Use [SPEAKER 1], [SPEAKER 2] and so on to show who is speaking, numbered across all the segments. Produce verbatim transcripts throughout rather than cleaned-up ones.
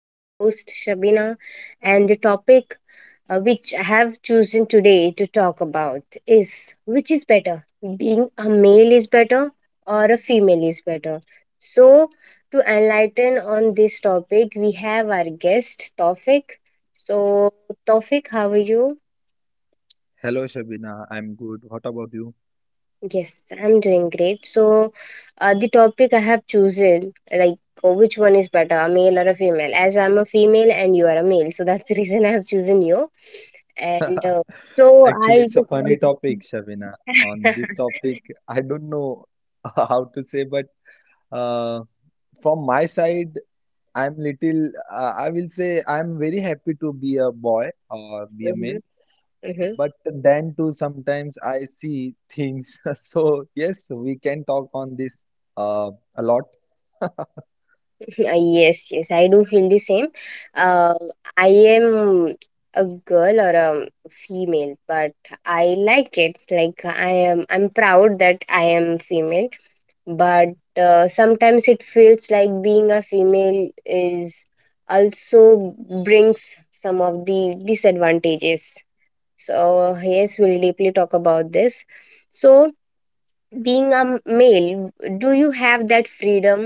[SPEAKER 1] I'm your host, Shabina, and the topic uh, which I have chosen today to talk about is which is better, being a male is better or a female is better. So, to enlighten on this topic, we have our guest, Tofik. So, Tofik, how are you?
[SPEAKER 2] Hello, Shabina. I'm good. What about you?
[SPEAKER 1] Yes, I'm doing great. So, uh, the topic I have chosen, like uh, which one is better, a male or a female? As I'm a female and you are a male, so that's the reason I have chosen you. And uh, so
[SPEAKER 2] Actually,
[SPEAKER 1] I
[SPEAKER 2] it's a
[SPEAKER 1] just
[SPEAKER 2] funny
[SPEAKER 1] want.
[SPEAKER 2] topic, Shabina. On this topic, I don't know how to say, but uh, from my side, I'm little, uh, I will say I'm very happy to be a boy or be a
[SPEAKER 1] Mm-hmm,
[SPEAKER 2] male.
[SPEAKER 1] mm-hmm.
[SPEAKER 2] But then too, sometimes I see things. So yes, we can talk on this uh, a lot.
[SPEAKER 1] Yes, yes, I do feel the same. Uh, I am a girl or a female, but I like it. Like I am, I'm proud that I am female, but uh, sometimes it feels like being a female is also brings some of the disadvantages. So, yes, we'll deeply talk about this. So, being a m- male, do you have that freedom,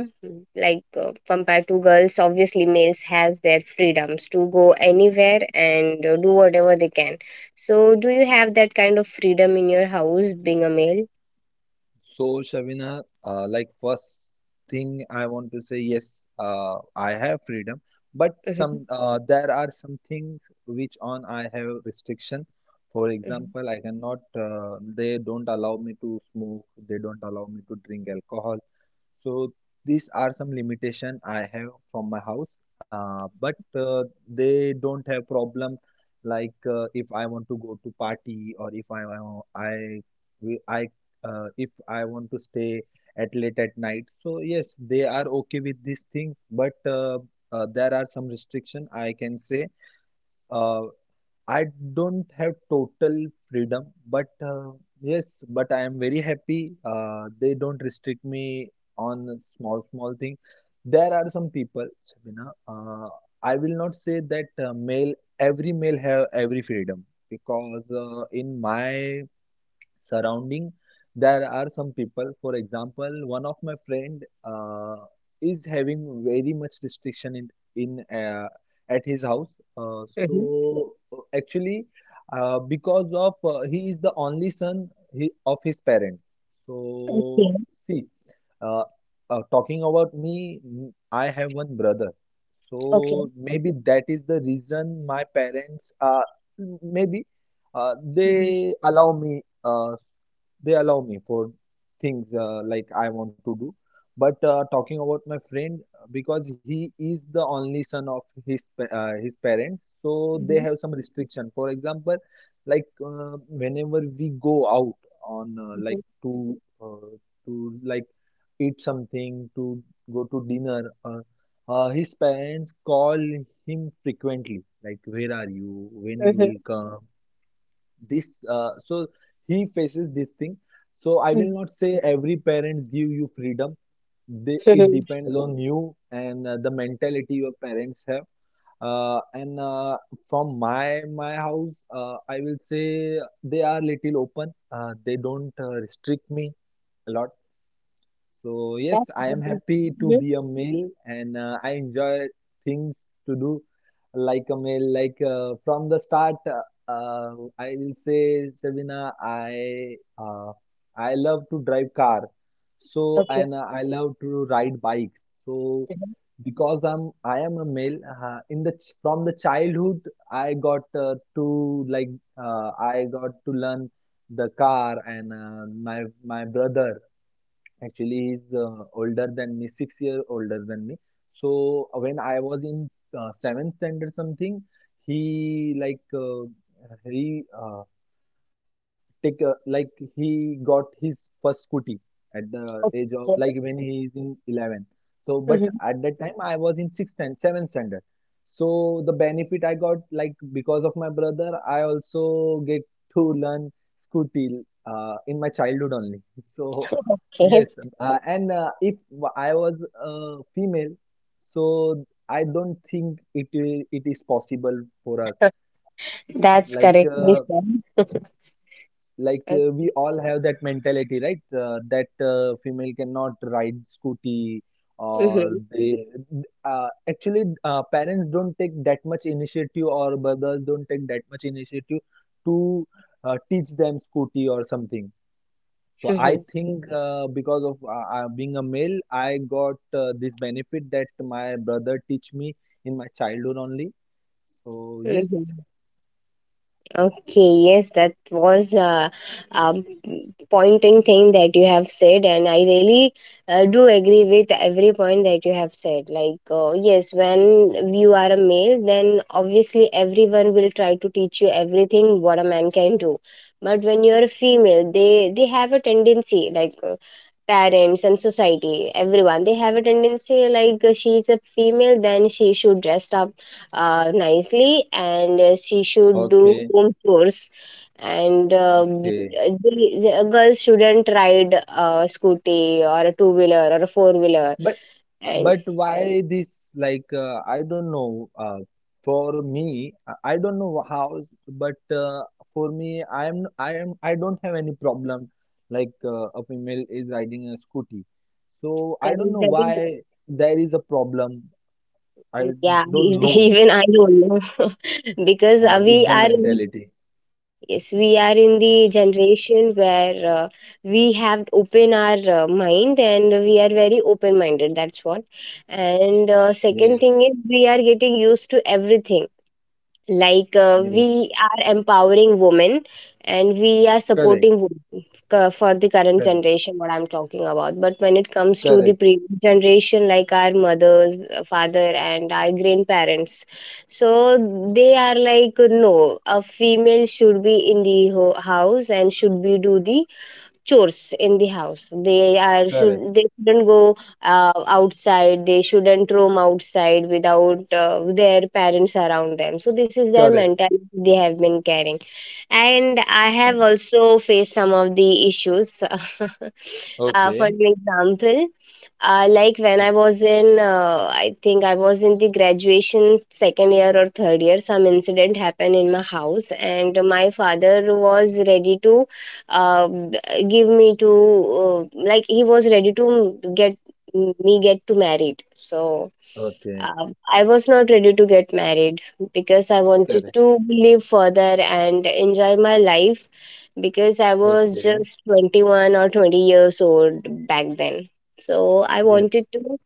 [SPEAKER 1] like uh, compared to girls? Obviously males has their freedoms to go anywhere and uh, do whatever they can. So, do you have that kind of freedom in your house, being a male?
[SPEAKER 2] So, Shavina, uh, like first thing I want to say, yes, uh, I have freedom, but some
[SPEAKER 1] Hmm.
[SPEAKER 2] uh, there are some things which on I have restriction. For
[SPEAKER 1] Hmm.
[SPEAKER 2] example, I cannot. Uh, they don't allow me to smoke. They don't allow me to drink alcohol. So these are some limitation I have from my house, uh, but uh, they don't have problem like uh, if I want to go to party or if I I I, I uh, if I want to stay at late at night. So yes, they are okay with this thing, but uh, uh, there are some restriction I can say. Uh, I don't have total freedom, but uh, yes, but I am very happy. Uh, they don't restrict me on small, small thing. There are some people, Sabina. Uh, I will not say that uh, male, every male have every freedom because uh, in my surrounding there are some people, for example one of my friend uh, is having very much restriction in in uh, at his house uh, so uh, actually uh, because of uh, he is the only son he, of his parents, so
[SPEAKER 1] Hmm.
[SPEAKER 2] see, uh, uh, talking about me m- I have one brother
[SPEAKER 1] Okay.
[SPEAKER 2] so maybe that is the reason my parents uh, m- maybe uh,
[SPEAKER 1] Mhm,
[SPEAKER 2] they allow me uh, they allow me for things uh, like I want to do. But uh, talking about my friend, because he is the only son of his pa- uh, his parents, so they
[SPEAKER 1] mhm,
[SPEAKER 2] have some restriction. For example, like uh, whenever we go out on uh, like
[SPEAKER 1] mhm,
[SPEAKER 2] to uh, to like eat something, to go to dinner, uh, uh, his parents call him frequently, like where are you, when you
[SPEAKER 1] mhm,
[SPEAKER 2] will come this uh, so he faces this thing, so I will
[SPEAKER 1] mhm,
[SPEAKER 2] not say every parents give you freedom. They, it
[SPEAKER 1] mhm.
[SPEAKER 2] depends on you and uh, the mentality your parents have. Uh, and uh, from my my house, uh, I will say they are little open. Uh, they don't uh, restrict me a lot. So
[SPEAKER 1] That's
[SPEAKER 2] yes, I am
[SPEAKER 1] very-.
[SPEAKER 2] happy to
[SPEAKER 1] Mhm,
[SPEAKER 2] be a male and uh, I enjoy things to do like a male. Like uh, from the start, uh, uh, I will say, Shabina, I uh, I love to drive car. So
[SPEAKER 1] okay.
[SPEAKER 2] and uh, I love to ride bikes. So
[SPEAKER 1] Mhm,
[SPEAKER 2] because I'm I am a male, uh, in the ch- from the childhood I got uh, to like uh, I got to learn the car, and uh, my my brother, actually, he's uh, older than me, six year older than me. So uh, when I was in uh, seventh standard something, he like uh, he uh, take a, like he got his first scooty at the age of like when
[SPEAKER 1] okay.
[SPEAKER 2] he is in eleven. So but
[SPEAKER 1] Mhm,
[SPEAKER 2] at that time I was in sixth and seventh standard, so the benefit I got, like because of my brother I also get to learn scooty uh, in my childhood only. So
[SPEAKER 1] okay.
[SPEAKER 2] yes, uh, and uh, if I was a female, so I don't think it i- it is possible for us.
[SPEAKER 1] That's
[SPEAKER 2] like uh,
[SPEAKER 1] correctly said.
[SPEAKER 2] like uh, we all have that mentality, right? Uh, that uh, female cannot ride scooty, or
[SPEAKER 1] Mhm,
[SPEAKER 2] they uh, actually uh, parents don't take that much initiative, or brothers don't take that much initiative to uh, teach them scooty or something.
[SPEAKER 1] mhm,
[SPEAKER 2] So I think uh, because of uh, uh, being a male, I got uh, this benefit that my brother teach me in my childhood only. So yes.
[SPEAKER 1] mhm. Okay, yes, that was a, um pointing thing that you have said, and I really uh, do agree with every point that you have said. Like, uh, yes, when you are a male, then obviously everyone will try to teach you everything what a man can do. But when you are a female, they they have a tendency like. Uh, parents and society everyone they have a tendency like uh, she is a female then she should dress up uh, nicely and uh, she should do
[SPEAKER 2] Okay,
[SPEAKER 1] home chores and uh, b-
[SPEAKER 2] okay.
[SPEAKER 1] the, the a shouldn't ride a scooty or a two wheeler or a four wheeler.
[SPEAKER 2] but
[SPEAKER 1] And
[SPEAKER 2] But why this? Like, uh, I don't know. Uh, for me, I I don't know how, but uh, for me, I am, I am, I don't have any problem. Like, uh, a female is riding a scooty. So I don't
[SPEAKER 1] correct,
[SPEAKER 2] know
[SPEAKER 1] that is.
[SPEAKER 2] why there is a problem. I
[SPEAKER 1] Yeah,
[SPEAKER 2] don't know
[SPEAKER 1] even I don't know. Because uh,
[SPEAKER 2] what
[SPEAKER 1] we
[SPEAKER 2] is the
[SPEAKER 1] are in-
[SPEAKER 2] mentality.
[SPEAKER 1] yes, we are in the generation where uh, we have open our uh, mind, and we are very open minded, that's what. And uh, second
[SPEAKER 2] Yes,
[SPEAKER 1] thing is we are getting used to everything, like uh,
[SPEAKER 2] yes,
[SPEAKER 1] we are empowering women and we are
[SPEAKER 2] correct,
[SPEAKER 1] supporting women, cu- for the current
[SPEAKER 2] correct,
[SPEAKER 1] generation what I'm talking about. But when it comes to
[SPEAKER 2] correct,
[SPEAKER 1] the previous generation, like our mothers uh, father and our grandparents, so they are like no, a female should be in the ho- house and should be do the chores in the house, they are
[SPEAKER 2] correct,
[SPEAKER 1] should they shouldn't go uh, outside, they shouldn't roam outside without uh, their parents around them. So this is their
[SPEAKER 2] correct.
[SPEAKER 1] mentality they have been carrying. And I have
[SPEAKER 2] Correct.
[SPEAKER 1] also faced some of the issues. Uh, for
[SPEAKER 2] Okay,
[SPEAKER 1] an example, uh, like when
[SPEAKER 2] yes,
[SPEAKER 1] I was in uh, I think I was in the graduation second year or third year, some incident happened in my house, and my father was ready to uh, give me to uh, like he was ready to get me get to married. So
[SPEAKER 2] okay,
[SPEAKER 1] uh, I was not ready to get married, because I wanted
[SPEAKER 2] correct,
[SPEAKER 1] to live further and enjoy my life, because I was
[SPEAKER 2] okay,
[SPEAKER 1] just twenty-one or twenty years old back then. So I
[SPEAKER 2] yes,
[SPEAKER 1] wanted to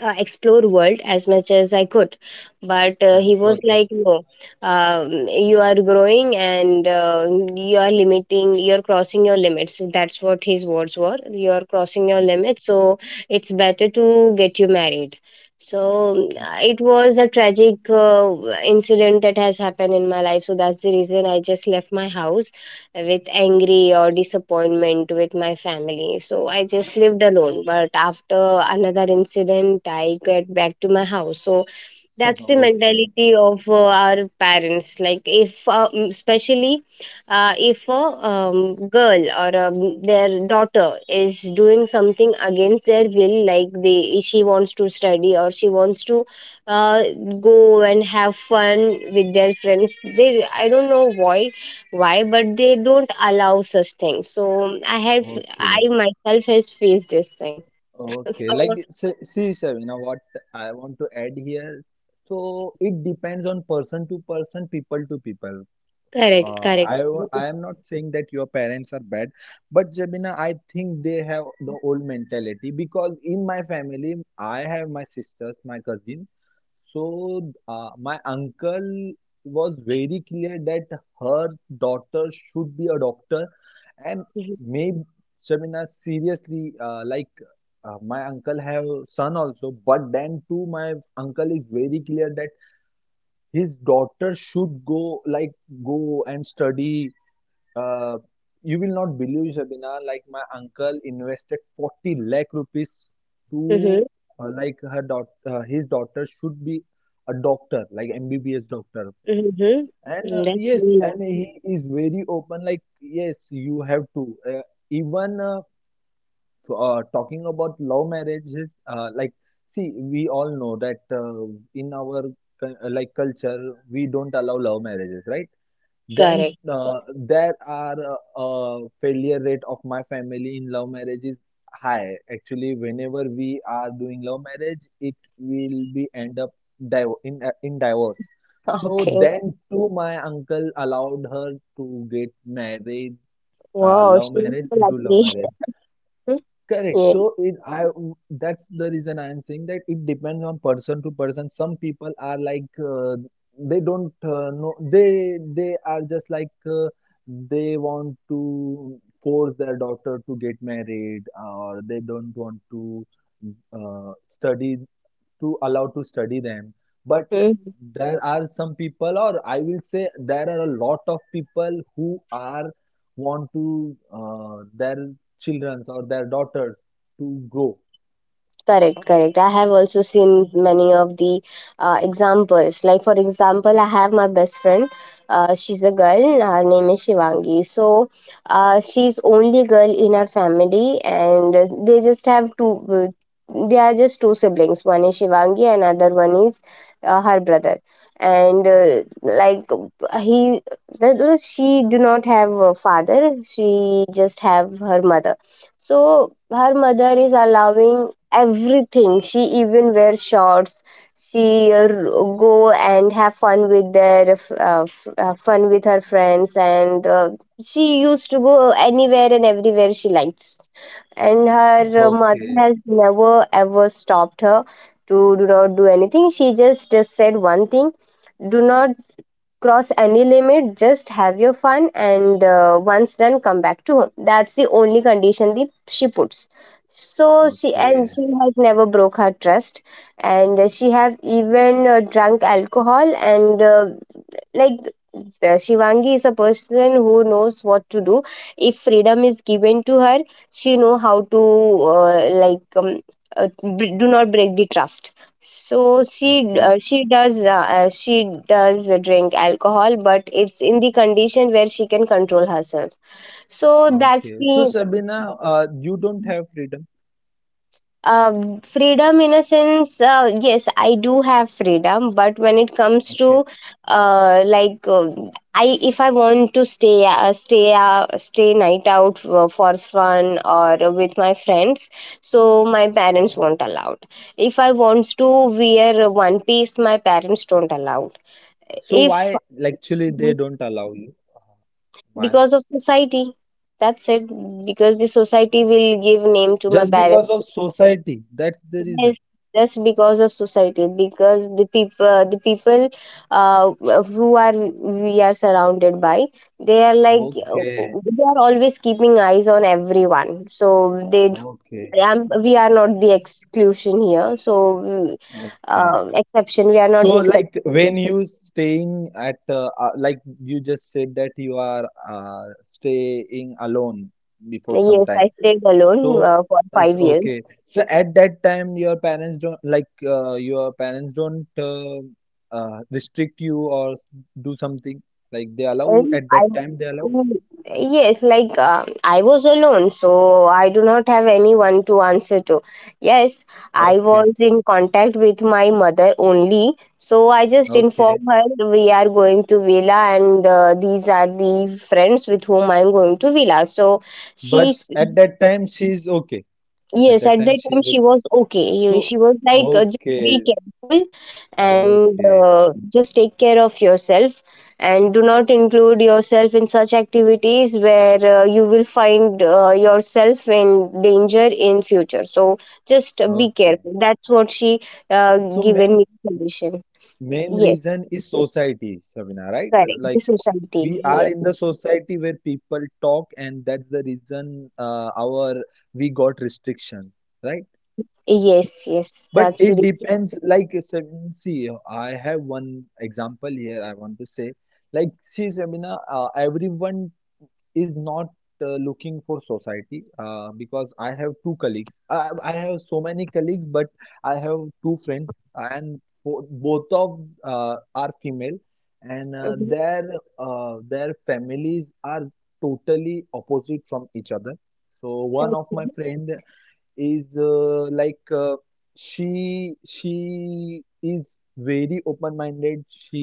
[SPEAKER 1] uh, explore world as much as I could. But uh,
[SPEAKER 2] cor-
[SPEAKER 1] he was
[SPEAKER 2] okay.
[SPEAKER 1] like no, um, you are growing and uh, you are limiting, you're crossing your limits, that's what his words were, you are crossing your limits, so it's better to get you married. So
[SPEAKER 2] Yes.
[SPEAKER 1] uh, it was a tragic uh, incident that has happened in my life, so that's the reason I just left my house with angry or disappointment with my family. So I just lived alone. But after another incident, I get back to my house. So that's the
[SPEAKER 2] Okay,
[SPEAKER 1] mentality of uh, our parents, like if uh, mm, especially uh, if a um, girl or um, their daughter is doing something against their will, like they she wants to study or she wants to uh, go and have fun with their friends, they, I don't know why why but they don't allow such things. So i have i
[SPEAKER 2] okay,
[SPEAKER 1] myself has faced this thing.
[SPEAKER 2] okay. Like,
[SPEAKER 1] So
[SPEAKER 2] s- see, Sabina, what I want to add here. So it depends on person to person, people to people.
[SPEAKER 1] correct,
[SPEAKER 2] Uh,
[SPEAKER 1] correct.
[SPEAKER 2] I I am not saying that your parents are bad, but Jabina, I think they have the old mentality because in my family, I have my sisters, my cousins. So uh, my uncle was very clear that her daughter should be a doctor, and maybe Jabina, seriously, uh, like uh, my uncle have son also, but then too, my uncle is very clear that his daughter should go like go and study. uh, you will not believe, Shabina, like my uncle invested forty lakh rupees to
[SPEAKER 1] Mhm.
[SPEAKER 2] uh, like her daughter uh, his daughter should be a doctor, like M B B S doctor.
[SPEAKER 1] Mhm.
[SPEAKER 2] And
[SPEAKER 1] Mm,
[SPEAKER 2] uh,
[SPEAKER 1] that's
[SPEAKER 2] yes,
[SPEAKER 1] really nice.
[SPEAKER 2] and he is very open, like yes, you have to uh, even uh, uh, talking about love marriages, uh, like, see, we all know that uh, in our cul- uh, like culture, we don't allow love marriages, right? Then
[SPEAKER 1] Correct.
[SPEAKER 2] uh, there are uh, uh, failure rate of my family in love marriage is high. Actually, whenever we are doing love marriage, it will be end up div- in uh, in divorce. So
[SPEAKER 1] Okay.
[SPEAKER 2] then too, my uncle allowed her to get married,
[SPEAKER 1] Oh,
[SPEAKER 2] uh,
[SPEAKER 1] wow,
[SPEAKER 2] love
[SPEAKER 1] she is
[SPEAKER 2] marriage,
[SPEAKER 1] so
[SPEAKER 2] do love
[SPEAKER 1] lucky.
[SPEAKER 2] marriage. Correct.
[SPEAKER 1] Yeah.
[SPEAKER 2] So it, I. That's the reason I am saying that it depends on person to person. Some people are like uh, they don't uh, know, they they are just like uh, they want to force their daughter to get married, or they don't want to uh, study, to allow to study them, but
[SPEAKER 1] Mm-hmm.
[SPEAKER 2] there are some people, or I will say there are a lot of people who are want to uh, their children or their daughters to grow.
[SPEAKER 1] Correct, correct. I have also seen many of the uh, examples. Like, for example, I have my best friend. Uh, she's a girl. Her name is Shivangi. So, uh, she's only girl in her family, and they just have two. They are just two siblings. One is Shivangi, and another one is uh, her brother. And uh, like he, well, she do not have a father. She just have her mother, so her mother is allowing everything. She even wear shorts. She uh, go and have fun with their uh, f- uh, fun with her friends, and uh, she used to go anywhere and everywhere she likes. And her uh, mother
[SPEAKER 2] Okay,
[SPEAKER 1] has never ever stopped her to do not do anything. She just uh, said one thing: "Do not cross any limit, just have your fun, and uh, once done come back to home, that's the only condition that she puts. So she
[SPEAKER 2] okay,
[SPEAKER 1] and she has never broke her trust, and she have even uh, drunk alcohol, and uh, like, the Shivangi is a person who knows what to do. If freedom is given to her, she know how to uh, like, um, uh, b- do not break the trust. So she
[SPEAKER 2] okay,
[SPEAKER 1] uh, she does uh, uh, she does drink alcohol, but it's in the condition where she can control herself. So that's
[SPEAKER 2] okay. So
[SPEAKER 1] the.
[SPEAKER 2] Sabina, uh, you don't have freedom.
[SPEAKER 1] Um, freedom in a sense, uh, yes, I do have freedom, but when it comes
[SPEAKER 2] Okay.
[SPEAKER 1] to uh, like uh, I if I want to stay uh, stay uh, stay night out for, for fun or with my friends, so my parents won't allow. If I want to wear one piece, my parents don't allow.
[SPEAKER 2] So
[SPEAKER 1] If
[SPEAKER 2] why, like, actually they don't allow you? Why?
[SPEAKER 1] Because of society, that's it. Because the society will give name to my
[SPEAKER 2] Just
[SPEAKER 1] parents.
[SPEAKER 2] because of society? That's the reason?
[SPEAKER 1] Yes, just because of society, because the people, the people uh, who are we are surrounded by, they are like uh,
[SPEAKER 2] Okay,
[SPEAKER 1] they are always keeping eyes on everyone. So they,
[SPEAKER 2] okay,
[SPEAKER 1] I'm, we are not the exclusion here. So mm,
[SPEAKER 2] okay.
[SPEAKER 1] uh, exception, we are not
[SPEAKER 2] So,
[SPEAKER 1] the exception.
[SPEAKER 2] like when you staying at, uh, uh, like you just said that you are uh, staying alone before some
[SPEAKER 1] Yes,
[SPEAKER 2] time.
[SPEAKER 1] I stayed alone
[SPEAKER 2] So,
[SPEAKER 1] uh, for
[SPEAKER 2] that's
[SPEAKER 1] five years.
[SPEAKER 2] okay. So at that time, your parents don't like uh, your parents don't uh, uh, restrict you or do something. Like they allow,
[SPEAKER 1] And
[SPEAKER 2] at
[SPEAKER 1] I,
[SPEAKER 2] that time they allow.
[SPEAKER 1] Mm, yes, like uh, I was alone, so I do not have anyone to answer to. Yes, I
[SPEAKER 2] Okay,
[SPEAKER 1] was in contact with my mother only, so I just
[SPEAKER 2] okay.
[SPEAKER 1] informed her we are going to villa, and uh, these are the friends with whom I'm going to villa. So she.
[SPEAKER 2] But at that time she's okay. At
[SPEAKER 1] Yes,
[SPEAKER 2] that
[SPEAKER 1] at
[SPEAKER 2] time
[SPEAKER 1] that
[SPEAKER 2] she's
[SPEAKER 1] time she
[SPEAKER 2] okay.
[SPEAKER 1] was okay. You-
[SPEAKER 2] So,
[SPEAKER 1] She was like, uh, just be
[SPEAKER 2] okay,
[SPEAKER 1] careful and
[SPEAKER 2] okay,
[SPEAKER 1] uh, just take care of yourself and do not include yourself in such activities where uh, you will find uh, yourself in danger in future. So just be
[SPEAKER 2] okay.
[SPEAKER 1] careful. That's what she uh,
[SPEAKER 2] So
[SPEAKER 1] given
[SPEAKER 2] main.
[SPEAKER 1] me solution.
[SPEAKER 2] Main
[SPEAKER 1] Yes,
[SPEAKER 2] reason is society, Sabina, right?
[SPEAKER 1] correct.
[SPEAKER 2] Like
[SPEAKER 1] The society.
[SPEAKER 2] we are
[SPEAKER 1] Yes,
[SPEAKER 2] in the society where people talk, and that's the reason uh, our we got restriction, right?
[SPEAKER 1] yes, yes.
[SPEAKER 2] But
[SPEAKER 1] That's the.
[SPEAKER 2] it
[SPEAKER 1] Reason.
[SPEAKER 2] depends. Like Sabina, see, I have one example here. I want to say, like, see, Sabina, uh, everyone is not uh, looking for society uh, because I have two colleagues. I, I have so many colleagues, but I have two friends, and fo- both of uh, are female, and uh,
[SPEAKER 1] Mhm.
[SPEAKER 2] their uh, their families are totally opposite from each other. So one of my
[SPEAKER 1] Okay.
[SPEAKER 2] friend is uh, like uh, she she is very open minded. She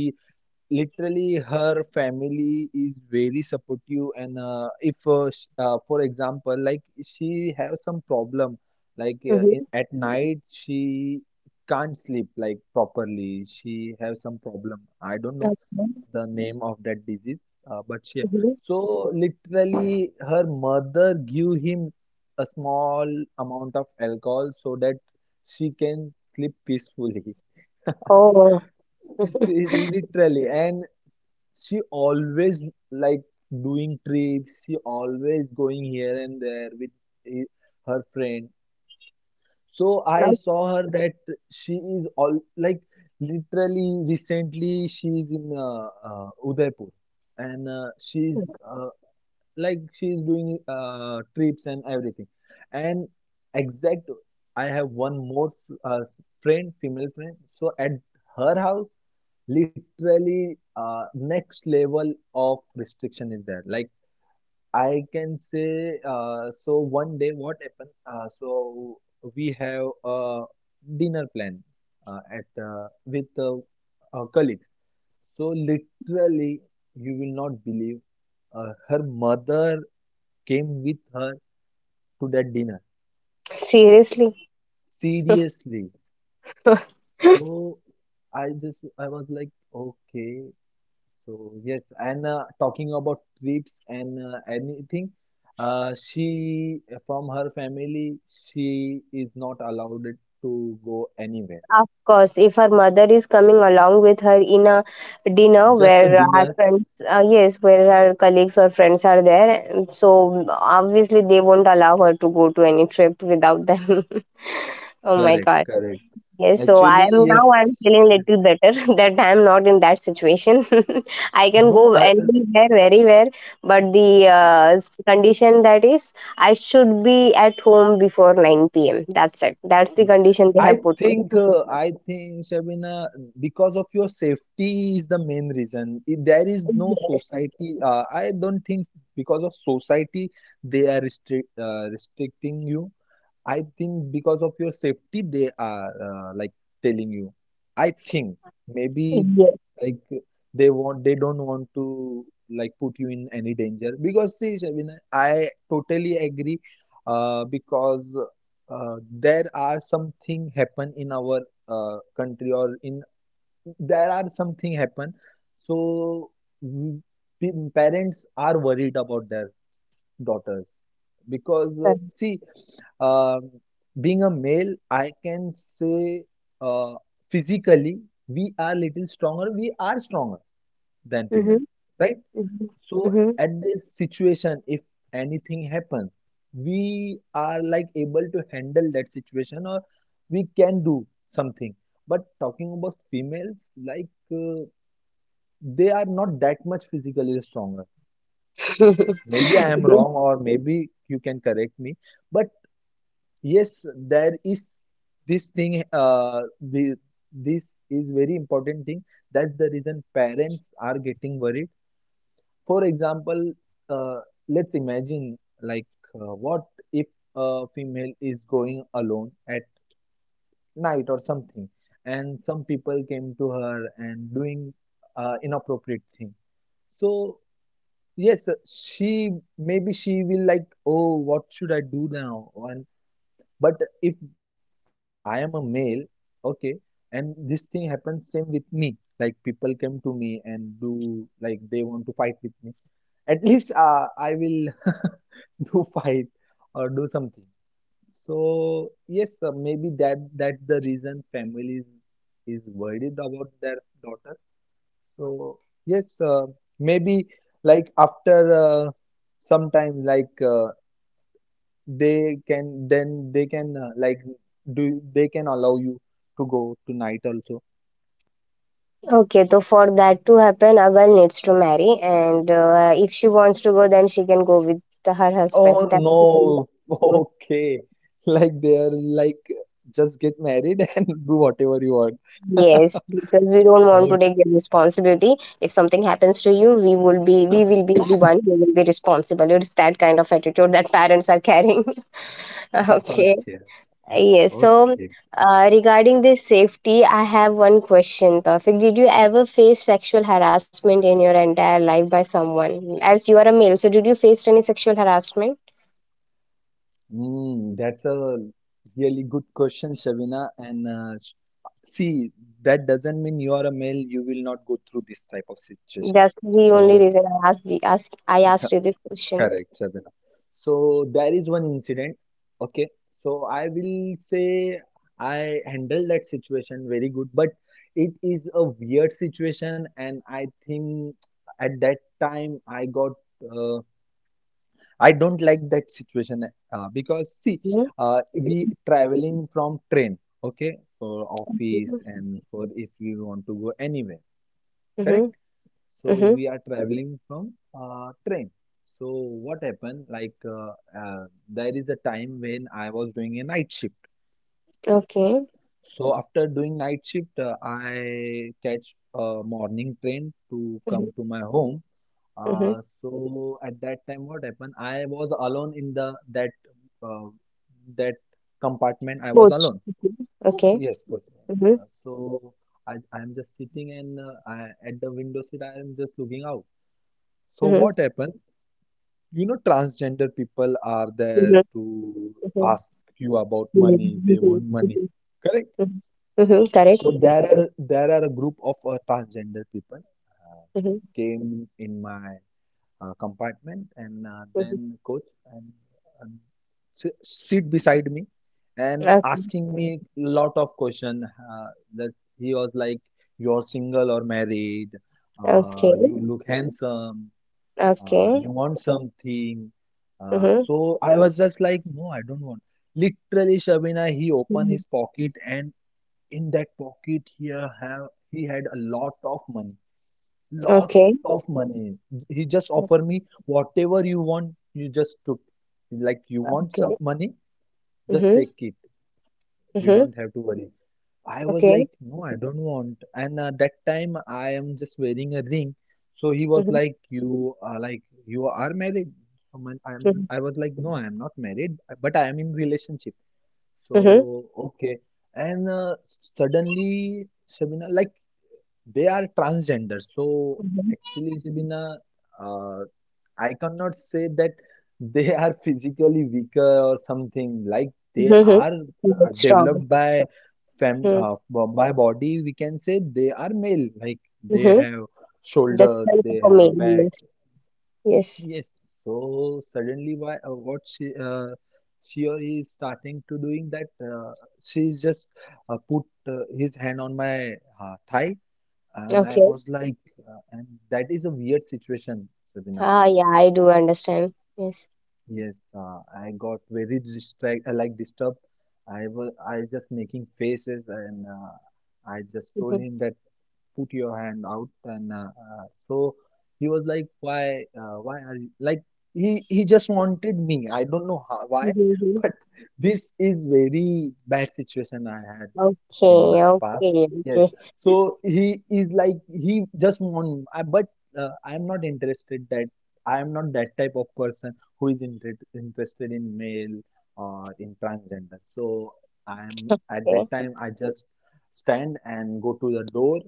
[SPEAKER 2] literally, her family is very supportive, and uh, if uh, sh- uh, for example, like she have some problem, like uh, i-
[SPEAKER 1] Mhm.
[SPEAKER 2] at night she can't sleep like properly, she have some problem, I don't know
[SPEAKER 1] Okay.
[SPEAKER 2] the name of that disease, uh, but she,
[SPEAKER 1] Mhm.
[SPEAKER 2] so literally her mother give him a small amount of alcohol so that she can sleep peacefully.
[SPEAKER 1] Oh.
[SPEAKER 2] See, literally, and she always like doing trips, she always going here and there with he- her friend. So I saw her that she is all like literally recently she is in uh, uh, udaipur, and uh, she's uh, like she's doing uh, trips and everything, and exact. I have one more uh, friend, female friend, so at her house literally uh, next level of restriction is there, like I can say. Uh, so one day what happened, uh, so we have a dinner plan uh, at uh, with uh, our colleagues. So literally, you will not believe, uh, her mother came with her to that dinner.
[SPEAKER 1] Seriously.
[SPEAKER 2] Seriously. So I just I was like okay. So yes, and uh, talking about trips and uh, anything, uh, she from her family she is not allowed to go anywhere.
[SPEAKER 1] Of course. If her mother is coming along with her in a dinner
[SPEAKER 2] Just a
[SPEAKER 1] where her
[SPEAKER 2] dinner,
[SPEAKER 1] friends, uh, yes, where her colleagues or friends are there, and so obviously they won't allow her to go to any trip without them. Oh my
[SPEAKER 2] correct,
[SPEAKER 1] god.
[SPEAKER 2] correct.
[SPEAKER 1] Yes, so I
[SPEAKER 2] Actually,
[SPEAKER 1] am now I'm feeling
[SPEAKER 2] yes, yes.
[SPEAKER 1] little better that I am not in that situation. I can
[SPEAKER 2] No.
[SPEAKER 1] go
[SPEAKER 2] I,
[SPEAKER 1] anywhere, very where, but the uh, s- condition that is I should be at home before nine p m. That's it. That's the condition they
[SPEAKER 2] I
[SPEAKER 1] have put me.
[SPEAKER 2] think uh, I think Shabina, because of your safety is the main reason. If there is no
[SPEAKER 1] Yes,
[SPEAKER 2] society, uh, I don't think because of society they are restrict uh, restricting you. I think because of your safety, they are uh, like telling you. I think maybe
[SPEAKER 1] yes.
[SPEAKER 2] like they want they don't want to like put you in any danger because see, Shabina, I totally agree, uh, because uh, there are something happen in our uh, country or in there are something happen. So mm, pe- parents are worried about their daughters because uh, see, um being a male I can say, uh, physically we are little stronger we are stronger than females,
[SPEAKER 1] Mm-hmm.
[SPEAKER 2] right? So
[SPEAKER 1] Mm-hmm.
[SPEAKER 2] at this situation if anything happens, we are like able to handle that situation or we can do something. But talking about females, like uh, they are not that much physically stronger. Maybe I am wrong or maybe you can correct me, but yes, there is this thing. Uh, the this is very important thing. That's the reason parents are getting worried. For example, uh, let's imagine, like uh, what if a female is going alone at night or something, and some people came to her and doing uh, inappropriate thing. So yes, she maybe she will like, oh, what should I do now? And but if I am a male, okay, and this thing happens same with me. Like people come to me and do like they want to fight with me. At least uh, I will do fight or do something. So yes, uh, maybe that that's the reason families is worried about their daughter. So yes, uh, maybe like after uh, some like uh, they can then they can uh, like do they can allow you to go tonight also.
[SPEAKER 1] Okay, so for that to happen, a girl needs to marry, and uh, if she wants to go, then she can go with her husband.
[SPEAKER 2] Oh
[SPEAKER 1] That's the condition.
[SPEAKER 2] no, okay, like they're like just get married and do whatever you want.
[SPEAKER 1] Yes, because we don't want to take the responsibility. If something happens to you, we will be we will be the one who will be responsible. It's that kind of attitude that parents are carrying. Okay.
[SPEAKER 2] Okay,
[SPEAKER 1] Yes.
[SPEAKER 2] okay,
[SPEAKER 1] So
[SPEAKER 2] okay.
[SPEAKER 1] uh, regarding this safety, I have one question. Perfect. Did you ever face sexual harassment in your entire life by someone? As you are a male, so did you face any sexual harassment?
[SPEAKER 2] Mm, that's a really good question, Shavina, and uh, s- see, that doesn't mean you are a male you will not go through this type of situation.
[SPEAKER 1] That's the
[SPEAKER 2] So
[SPEAKER 1] only reason I asked the ask I asked you the question.
[SPEAKER 2] correct, Shabina. So there is one incident. Okay. So I will say I handled that situation very good, but it is a weird situation, and I think at that time I got, uh, I don't like that situation, uh, because see,
[SPEAKER 1] Mm-hmm.
[SPEAKER 2] uh, we traveling from train, okay, for office and for if we want to go anywhere,
[SPEAKER 1] Mm-hmm.
[SPEAKER 2] correct? So
[SPEAKER 1] Mm-hmm.
[SPEAKER 2] we are traveling from uh, train. So what happened? Like uh, uh, there is a time when I was doing a night shift.
[SPEAKER 1] Okay.
[SPEAKER 2] So after doing night shift, uh, I catch a morning train to
[SPEAKER 1] Mm-hmm.
[SPEAKER 2] come to my home.
[SPEAKER 1] Mhm.
[SPEAKER 2] Uh, so at that time, what happened? I was alone in the that uh, that compartment. I was
[SPEAKER 1] Coach.
[SPEAKER 2] alone.
[SPEAKER 1] Mhm. Okay.
[SPEAKER 2] Yes, good.
[SPEAKER 1] Mhm.
[SPEAKER 2] Uh, so I I am just sitting and uh, I, at the window seat. I am just looking out. So
[SPEAKER 1] Mhm.
[SPEAKER 2] what happened? You know, transgender people are
[SPEAKER 1] Mhm.
[SPEAKER 2] there to
[SPEAKER 1] Mhm.
[SPEAKER 2] ask you about
[SPEAKER 1] Yeah. Mhm.
[SPEAKER 2] money, they
[SPEAKER 1] Mhm.
[SPEAKER 2] want money, correct?
[SPEAKER 1] Mhm. Mhm. Correct.
[SPEAKER 2] So there are there are a group of uh, transgender people uh,
[SPEAKER 1] Mhm.
[SPEAKER 2] came in my uh, compartment and uh,
[SPEAKER 1] Mhm.
[SPEAKER 2] then coach and, and si- sit beside me and asking me lot of question, uh, that he was like, you're single or married, uh,
[SPEAKER 1] Okay.
[SPEAKER 2] you look handsome,
[SPEAKER 1] Okay.
[SPEAKER 2] uh,
[SPEAKER 1] Okay.
[SPEAKER 2] you want something. Uh,
[SPEAKER 1] Mhm.
[SPEAKER 2] so I was just like, no, I don't want. Literally, Shabina, he opened
[SPEAKER 1] Mhm.
[SPEAKER 2] his pocket, and in that pocket, here, have he had a lot of money, lot
[SPEAKER 1] Okay.
[SPEAKER 2] of money. He just offered me, whatever you want, you just took, like you want
[SPEAKER 1] Okay.
[SPEAKER 2] some money, just
[SPEAKER 1] Mhm.
[SPEAKER 2] take it. You
[SPEAKER 1] Mhm.
[SPEAKER 2] don't have to worry. I was
[SPEAKER 1] Okay.
[SPEAKER 2] like, no, I don't want. And uh, that time I am just wearing a ring. So he was
[SPEAKER 1] Mhm.
[SPEAKER 2] like, you are like you are married. So man, I'm.
[SPEAKER 1] Mhm.
[SPEAKER 2] I was like, no, I am not married, but I am in relationship.
[SPEAKER 1] Mhm.
[SPEAKER 2] So okay. And uh, suddenly, Shabina, like they are transgender. So
[SPEAKER 1] Mhm.
[SPEAKER 2] actually, Shabina, uh, I cannot say that they are physically weaker or something. Like they
[SPEAKER 1] Mhm.
[SPEAKER 2] are uh,
[SPEAKER 1] Correct. Strong.
[SPEAKER 2] developed by fem
[SPEAKER 1] Mhm.
[SPEAKER 2] uh, b- by body, we can say they are male. Like they
[SPEAKER 1] Mhm.
[SPEAKER 2] have
[SPEAKER 1] That's
[SPEAKER 2] shoulders,
[SPEAKER 1] right
[SPEAKER 2] they
[SPEAKER 1] for me.
[SPEAKER 2] have back.
[SPEAKER 1] Yes. Yes.
[SPEAKER 2] Yes. So suddenly, why uh, what she uh, she or he is starting to doing that? Uh, she just uh, put uh, his hand on my uh, thigh, and I
[SPEAKER 1] Okay.
[SPEAKER 2] was like, uh, and that is a weird situation, Sabina.
[SPEAKER 1] Ah, yeah, I do understand. Yes.
[SPEAKER 2] Yes, uh, I got very distract, uh, like disturbed. I was, I just making faces, and uh, I just told
[SPEAKER 1] Mhm.
[SPEAKER 2] him that put your hand out and uh, uh, so he was like, why uh, why are you like, he he just wanted me, I don't know how, why,
[SPEAKER 1] Mhm. Mhm.
[SPEAKER 2] but this is very bad situation I had in
[SPEAKER 1] Okay.
[SPEAKER 2] my past,
[SPEAKER 1] Okay.
[SPEAKER 2] yes.
[SPEAKER 1] Okay.
[SPEAKER 2] So he is like he just want I, but uh, I'm not interested that I am not that type of person who is inter interested in male or in transgender. So I am at
[SPEAKER 1] Okay.
[SPEAKER 2] that time I just stand and go to the door,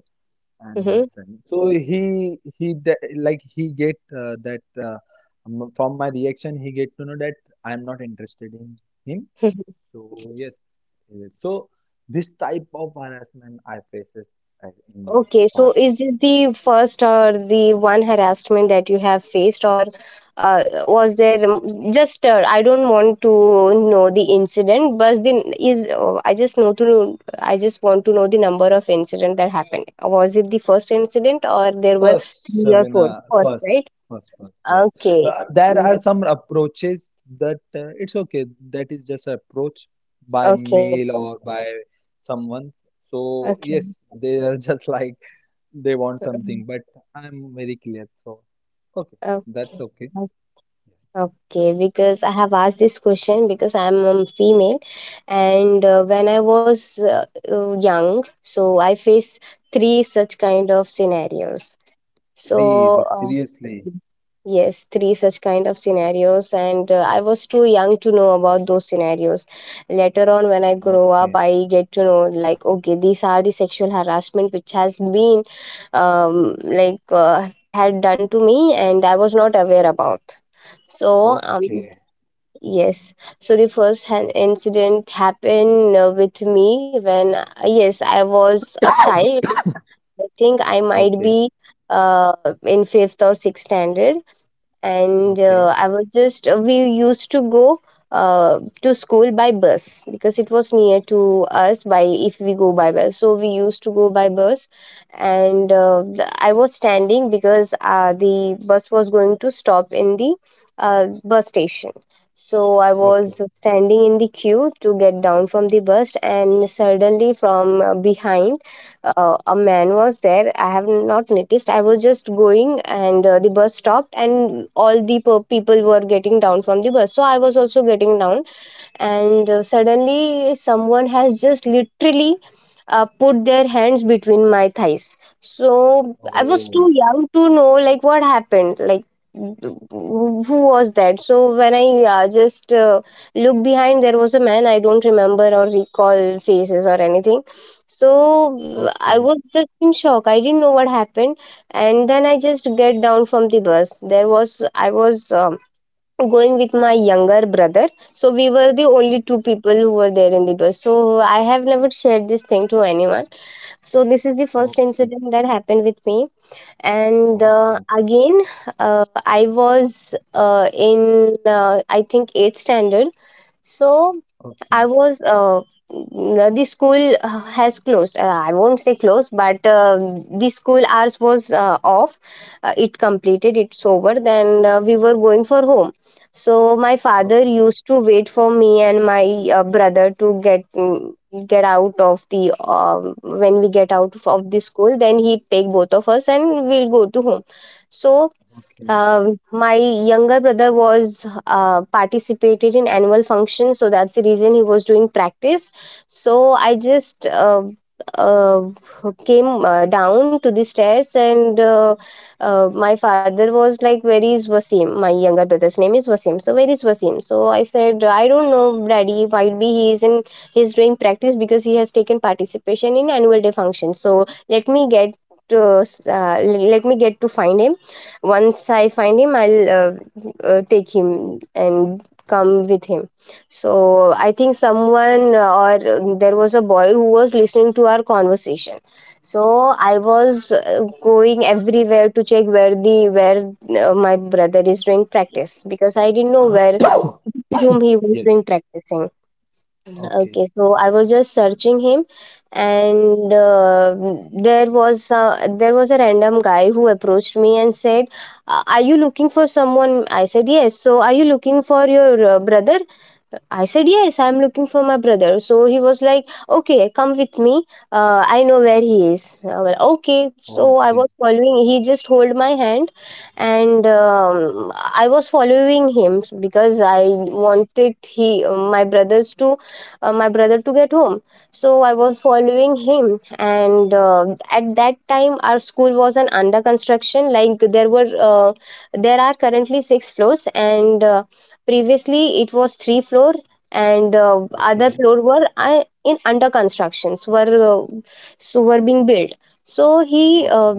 [SPEAKER 1] Mm-hmm.
[SPEAKER 2] Anderson. So he he de- like he get uh, that, uh, m- from my reaction he get to know that I am not interested in him. So yes, uh, so this type of harassment I faces as in
[SPEAKER 1] Okay, so
[SPEAKER 2] past.
[SPEAKER 1] is this the first or the one harassment that you have faced, or uh, was there um, just uh, I don't want to know the incident, but the is oh, I just know to know, I just want to know the number of incident that happened. Was it the first incident or there were
[SPEAKER 2] First,
[SPEAKER 1] three or four?
[SPEAKER 2] Sabina,
[SPEAKER 1] First,
[SPEAKER 2] first,
[SPEAKER 1] right?
[SPEAKER 2] first, first. Yes.
[SPEAKER 1] Okay.
[SPEAKER 2] Uh, there are
[SPEAKER 1] Mm.
[SPEAKER 2] some approaches that uh, it's okay. That is just an approach by
[SPEAKER 1] Okay.
[SPEAKER 2] mail or by someone. So
[SPEAKER 1] Okay.
[SPEAKER 2] yes, they are just like they want
[SPEAKER 1] Mm.
[SPEAKER 2] something, but I'm very clear. So, okay, that's
[SPEAKER 1] Okay.
[SPEAKER 2] okay. Yes.
[SPEAKER 1] Okay, because I have asked this question because I'm a female, and uh, when I was uh, uh, young, so I faced three such kind of scenarios. So,
[SPEAKER 2] Three,
[SPEAKER 1] uh,
[SPEAKER 2] seriously?
[SPEAKER 1] Mhm. Yes, three such kind of scenarios, and uh, I was too young to know about those scenarios. Later on, when I
[SPEAKER 2] Okay,
[SPEAKER 1] grow up, I get to know like, okay, these are the sexual harassment which has been, um, like, uh, had done to me, and I was not aware about. So, um,
[SPEAKER 2] okay,
[SPEAKER 1] yes. So the first hand incident happened uh, with me when, uh, yes, I was a child. I think I might
[SPEAKER 2] okay,
[SPEAKER 1] be uh, in fifth or sixth standard, and
[SPEAKER 2] okay,
[SPEAKER 1] uh, I was just uh, we used to go uh, to school by bus because it was near to us by if we go by bus. So we used to go by bus, and uh, the, I was standing because uh, the bus was going to stop in the uh, bus station. So I
[SPEAKER 2] okay.
[SPEAKER 1] was standing in the queue to get down from the bus, and suddenly from uh, behind uh, a man was there. I have not noticed. I was just going, and uh, the bus stopped, and all the per- people were getting down from the bus. So I was also getting down, and uh, suddenly someone has just literally uh, put their hands between my thighs. So I was
[SPEAKER 2] Oh,
[SPEAKER 1] too young to know like what happened, like who who was that. So when I uh, just uh, looked behind, there was a man. I don't remember or recall faces or anything. So I
[SPEAKER 2] okay,
[SPEAKER 1] was just in shock. I didn't know what happened. And then I just get down from the bus. There was I was um, going with my younger brother. So we were the only two people who were there in the bus. So I have never shared this thing to anyone. So this is the first
[SPEAKER 2] okay,
[SPEAKER 1] incident that happened with me. And uh,
[SPEAKER 2] okay,
[SPEAKER 1] again, uh, I was uh, in, uh, I think, eighth standard. So
[SPEAKER 2] okay,
[SPEAKER 1] I was uh, mm, the school uh, has closed. Uh, I won't say closed, but uh, the school hours was uh, off. Uh, it completed. It's over. Then uh, we were going for home. So my father
[SPEAKER 2] okay,
[SPEAKER 1] used to wait for me and my uh, brother to get mm, get out of the um, when we get out of the school. Then he'd take both of us and we'll go to home. So
[SPEAKER 2] okay.
[SPEAKER 1] um, my younger brother was uh, participated in annual function, so that's the reason he was doing practice. So I just uh, uh, came uh, down to the stairs, and uh, uh, my father was like, "Where is Wasim?" My younger brother's name is Wasim. So where is Wasim? So I said, "I don't know, Daddy. Might be he is in he's doing practice because he has taken participation in annual day function. So let me get." To, uh, let me get to find him. Once I find him, I'll uh, uh, take him and come with him. So I think someone uh, or uh, there was a boy who was listening to our conversation. So I was uh, going everywhere to check where the where uh, my brother is doing practice because I didn't know where room he was
[SPEAKER 2] Yes,
[SPEAKER 1] doing practicing.
[SPEAKER 2] okay,
[SPEAKER 1] Okay, so I was just searching him, and uh, there was uh, there was a random guy who approached me and said, "Uh, "Are you looking for someone?" I said, "Yes." So, are you looking for your uh, brother? I said, "Yes, I'm looking for my brother." So he was like, "Okay, come with me. Uh, I know where he is." I was, like, okay. So I
[SPEAKER 2] okay,
[SPEAKER 1] was following. He just hold my hand, and um, I was following him because I wanted he my brothers to uh, my brother to get home. So I was following him, and uh, at that time our school was an under construction, like there were uh, there are currently six floors, and uh, previously, it was three floor, and uh, other
[SPEAKER 2] okay,
[SPEAKER 1] floor were uh, in under constructions, were uh, so were being built. So he uh,
[SPEAKER 2] okay,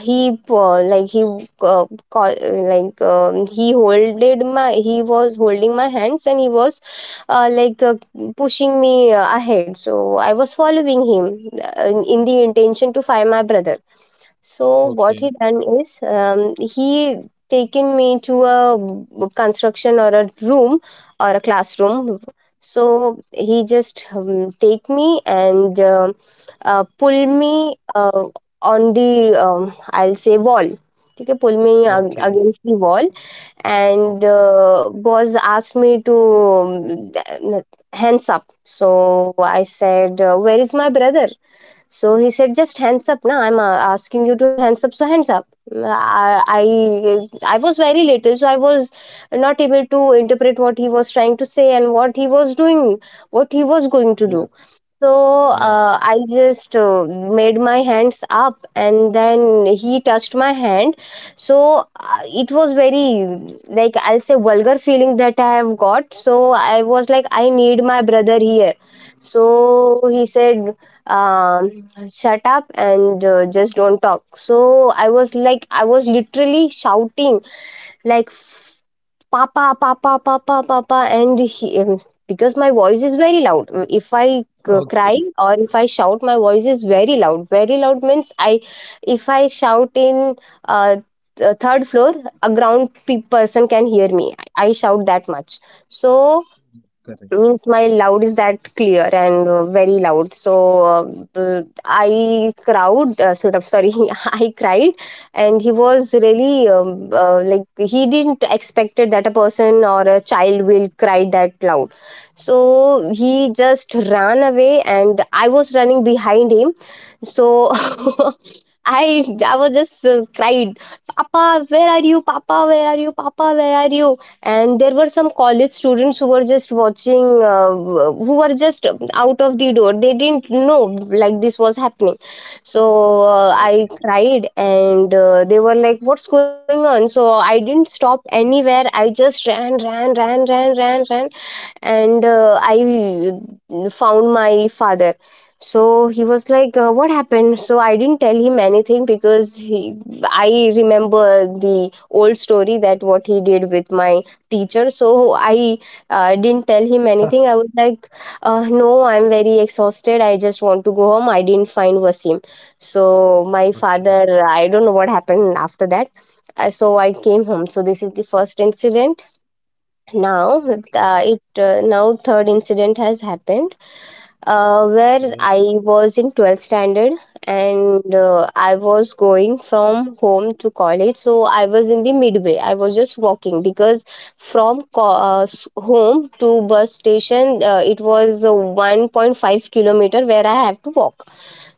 [SPEAKER 1] he uh, like he uh, call, like um, he holded my he was holding my hands, and he was uh, like uh, pushing me uh, ahead. So I was following him uh, in, in the intention to find my brother. So what
[SPEAKER 2] okay,
[SPEAKER 1] he done is, um, he taken me to a construction or a room or a classroom. So he just um, take me and uh, uh, pull me uh, on the, um, I'll say, wall. ठीक है pull me
[SPEAKER 2] okay,
[SPEAKER 1] against the wall.
[SPEAKER 2] okay.
[SPEAKER 1] Boss asked me to to hands up. So I said where is my brother. So he said, "Just hands up, na. I'm uh, asking you to hands up, so hands up." Mm, I, I I was very little, so I was not able to interpret what he was trying to say and what he was doing, what he was going to do.
[SPEAKER 2] Yes,
[SPEAKER 1] So
[SPEAKER 2] yes,
[SPEAKER 1] uh, I just uh, made my hands up, and then he touched my hand. So uh, it was very, like, I'll say vulgar feeling that I have got. So I was like, I need my brother here. So he said, um, shut up, and uh, just don't talk. So I was like, I was literally shouting, like, papa papa papa papa, and he, um, because my voice is very loud. Um, if I c- cry,
[SPEAKER 2] okay,
[SPEAKER 1] or if I shout, my voice is very loud, very loud. Means I, if I shout in uh, th- third floor, a ground pe- person can hear me. I shout that much. So
[SPEAKER 2] correct.
[SPEAKER 1] means my loud is that clear, and uh, very loud. So uh, I crowd, uh, so- sorry, I cried. And he was really um, uh, like he didn't expected that a person or a child will cry that loud. So he just ran away, and I was running behind him. So I I was just uh, cried, "Papa, where are you? Papa, where are you? Papa, where are you?" And there were some college students who were just watching, uh, who were just out of the door. They didn't know like this was happening. So uh, I
[SPEAKER 2] Okay,
[SPEAKER 1] cried, and uh, they were like, "What's going on?" So I didn't stop anywhere. I just ran, ran, ran, ran, ran, ran, and uh, I found my father. So he was like, uh, what happened. So I didn't tell him anything because he I remember the old story that what he did with my teacher. So I uh, didn't tell him anything. I was like, uh, no, I'm very exhausted, I just want to go home, I didn't find Wasim. So my
[SPEAKER 2] okay,
[SPEAKER 1] father, I don't know what happened after that. I- so I came home. So this is the first incident. Now,
[SPEAKER 2] okay,
[SPEAKER 1] uh, it uh, now third incident has happened, uh, where
[SPEAKER 2] okay,
[SPEAKER 1] I was in twelfth standard, and uh, I was going from home to college. So I was in the midway. I was just walking because from co- uh, s- home to bus station, uh, it was uh, one point five kilometer where I have to walk.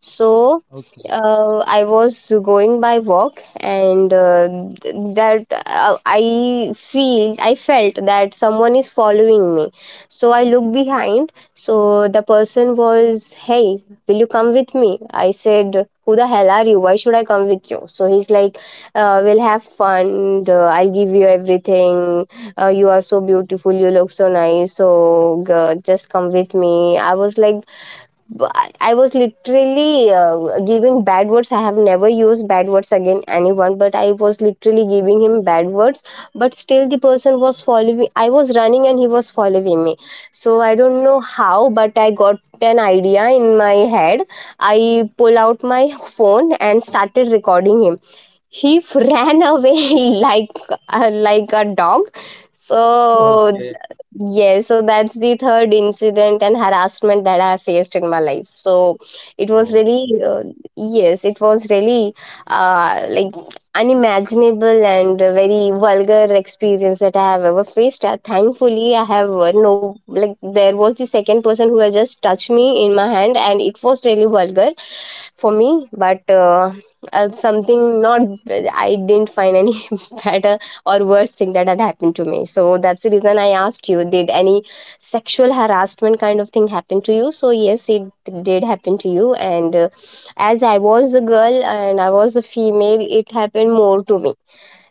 [SPEAKER 1] So
[SPEAKER 2] okay.
[SPEAKER 1] uh, I was going by walk. And uh, th- that uh, i feel I felt that someone is following me. So I looked behind. So the person was, "Hey, will you come with me?" I said, "Who the hell are you? Why should I come with you?" So he's like, uh, "We'll have fun. uh, I'll give you everything. Uh, you are so beautiful, you look so nice, so g- just come with me." I was like, but I I was literally uh, giving bad words. I have never used bad words again anyone, but I was literally giving him bad words. But still, the person was following. I was running and he was following me. So I don't know how, but I got an idea in my head. I pull out my phone and started recording him. He ran away like uh, like a dog. So
[SPEAKER 2] Okay,
[SPEAKER 1] yes, so that's the third incident and harassment that I faced in my life. So it was really,
[SPEAKER 2] okay,
[SPEAKER 1] uh, yes, it was really uh, like unimaginable and a very vulgar experience that I have ever faced. Uh, thankfully, I have uh, no, like, there was the second person who has just touched me in my hand, and it was really vulgar for me, but uh, uh, something not, I didn't find any better or worst thing that had happened to me. So that's the reason I asked you, did any sexual harassment kind of thing happen to you? So, yes, it did happen to you. And uh, As I was a girl and I was a female, it happened more to me.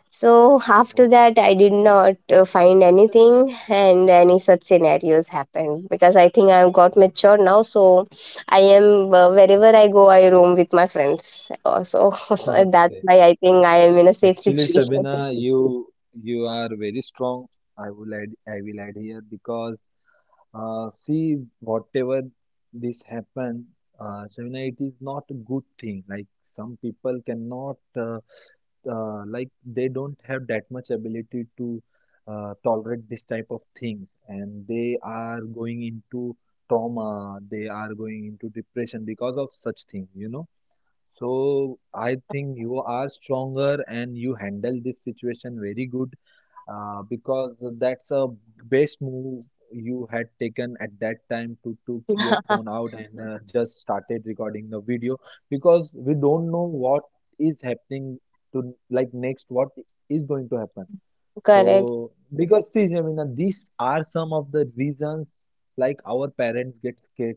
[SPEAKER 1] So, after
[SPEAKER 2] o-
[SPEAKER 1] that, I did not uh, find anything and any such scenarios happened because I think I've got mature now. So, I am uh, wherever I go, I roam with my friends. Uh, so, so that's
[SPEAKER 2] okay.
[SPEAKER 1] why I think I am in a safe
[SPEAKER 2] Actually,
[SPEAKER 1] situation.
[SPEAKER 2] Shabina, you you are very strong. I will add I will add here because uh, see, whatever this happen, uh, Shabina, it is not a good thing. Like some people cannot uh, uh, like they don't have that much ability to uh, tolerate this type of things, and they are going into trauma. They are going into depression because of such things, you know. So I think you are stronger and you handle this situation very good, uh, because that's a best move you had taken at that time, to took your phone out and uh, just started recording the video, because we don't know what is happening to, like, next what is going to happen.
[SPEAKER 1] Correct.
[SPEAKER 2] So, because see, Jamina, these are some of the reasons like our parents get scared,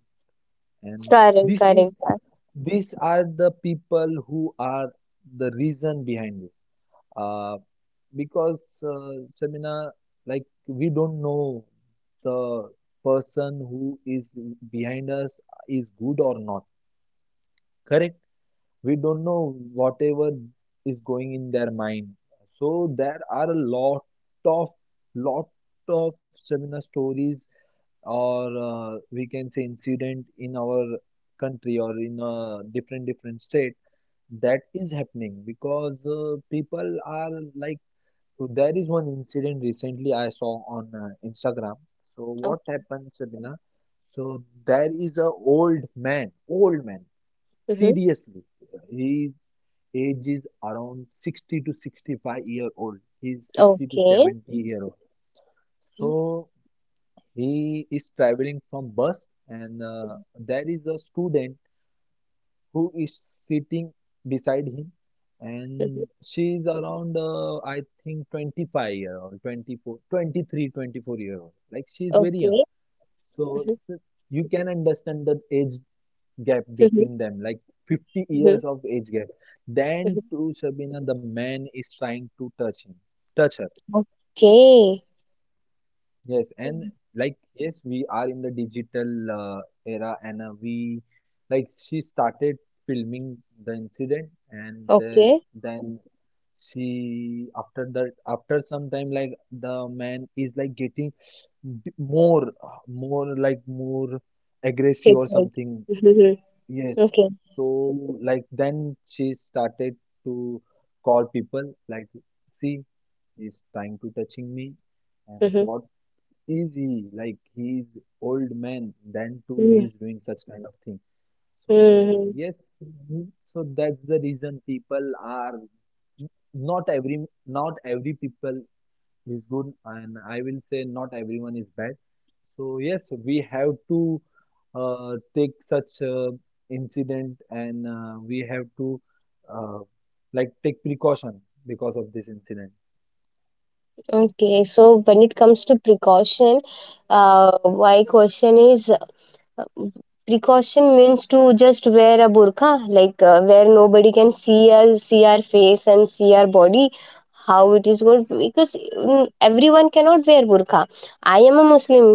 [SPEAKER 2] and
[SPEAKER 1] Correct, correct,
[SPEAKER 2] this is
[SPEAKER 1] correct.
[SPEAKER 2] these are the people who are the reason behind it, uh, because uh, Shamina, like we don't know the person who is behind us is good or not, correct? We don't know whatever is going in their mind. So there are a lot of lot of Shamina stories or uh, we can say incident in our country or in a different different state that is happening because uh, people are like, there is one incident recently I saw on uh, Instagram. So
[SPEAKER 1] Oh,
[SPEAKER 2] what happened, Sabina? So there is a old man, old man,
[SPEAKER 1] mhm.
[SPEAKER 2] seriously. His age is around sixty to sixty-five year old. He's sixty to
[SPEAKER 1] Okay.
[SPEAKER 2] seventy year old. So
[SPEAKER 1] Mhm,
[SPEAKER 2] he is traveling from bus and uh, there is a student who is sitting beside him,
[SPEAKER 1] mhm.
[SPEAKER 2] and she is around uh, I think twenty-five year old, twenty-four twenty-three twenty-four year old, like she is very young.
[SPEAKER 1] Okay.
[SPEAKER 2] So
[SPEAKER 1] Mhm,
[SPEAKER 2] th- you can understand the age gap
[SPEAKER 1] mhm,
[SPEAKER 2] between them, like fifty
[SPEAKER 1] mhm,
[SPEAKER 2] years of age gap.
[SPEAKER 1] mhm.
[SPEAKER 2] Then to, Shabina, the man is trying to touch him touch her.
[SPEAKER 1] Okay.
[SPEAKER 2] Yes, and,
[SPEAKER 1] Mhm.
[SPEAKER 2] like, yes, we are in the digital uh, era, and uh, we like she started filming the incident, and uh,
[SPEAKER 1] Okay.
[SPEAKER 2] then she, after that, after some time, like the man is like getting d- more uh, more like more aggressive
[SPEAKER 1] Right,
[SPEAKER 2] or
[SPEAKER 1] right.
[SPEAKER 2] something.
[SPEAKER 1] Mhm, mhm.
[SPEAKER 2] Yes,
[SPEAKER 1] Okay.
[SPEAKER 2] so like then she started to call people, like, see, he's trying to touching me, and
[SPEAKER 1] Mhm,
[SPEAKER 2] what easy, like, he's old man then too
[SPEAKER 1] mhm,
[SPEAKER 2] he's doing such kind of thing. So
[SPEAKER 1] mhm.
[SPEAKER 2] yes, mm, so that's the reason people are, not every, not every people is good, and I will say not everyone is bad. So yes, we have to uh, take such uh, incident and uh, we have to uh, like take precaution because of this incident.
[SPEAKER 1] Okay. So when it comes to precaution, uh, my question is, precaution means to just wear a burqa, like uh, where nobody can see us, see our face and see our body. How it is going? Because mm, everyone cannot wear burqa. I am a Muslim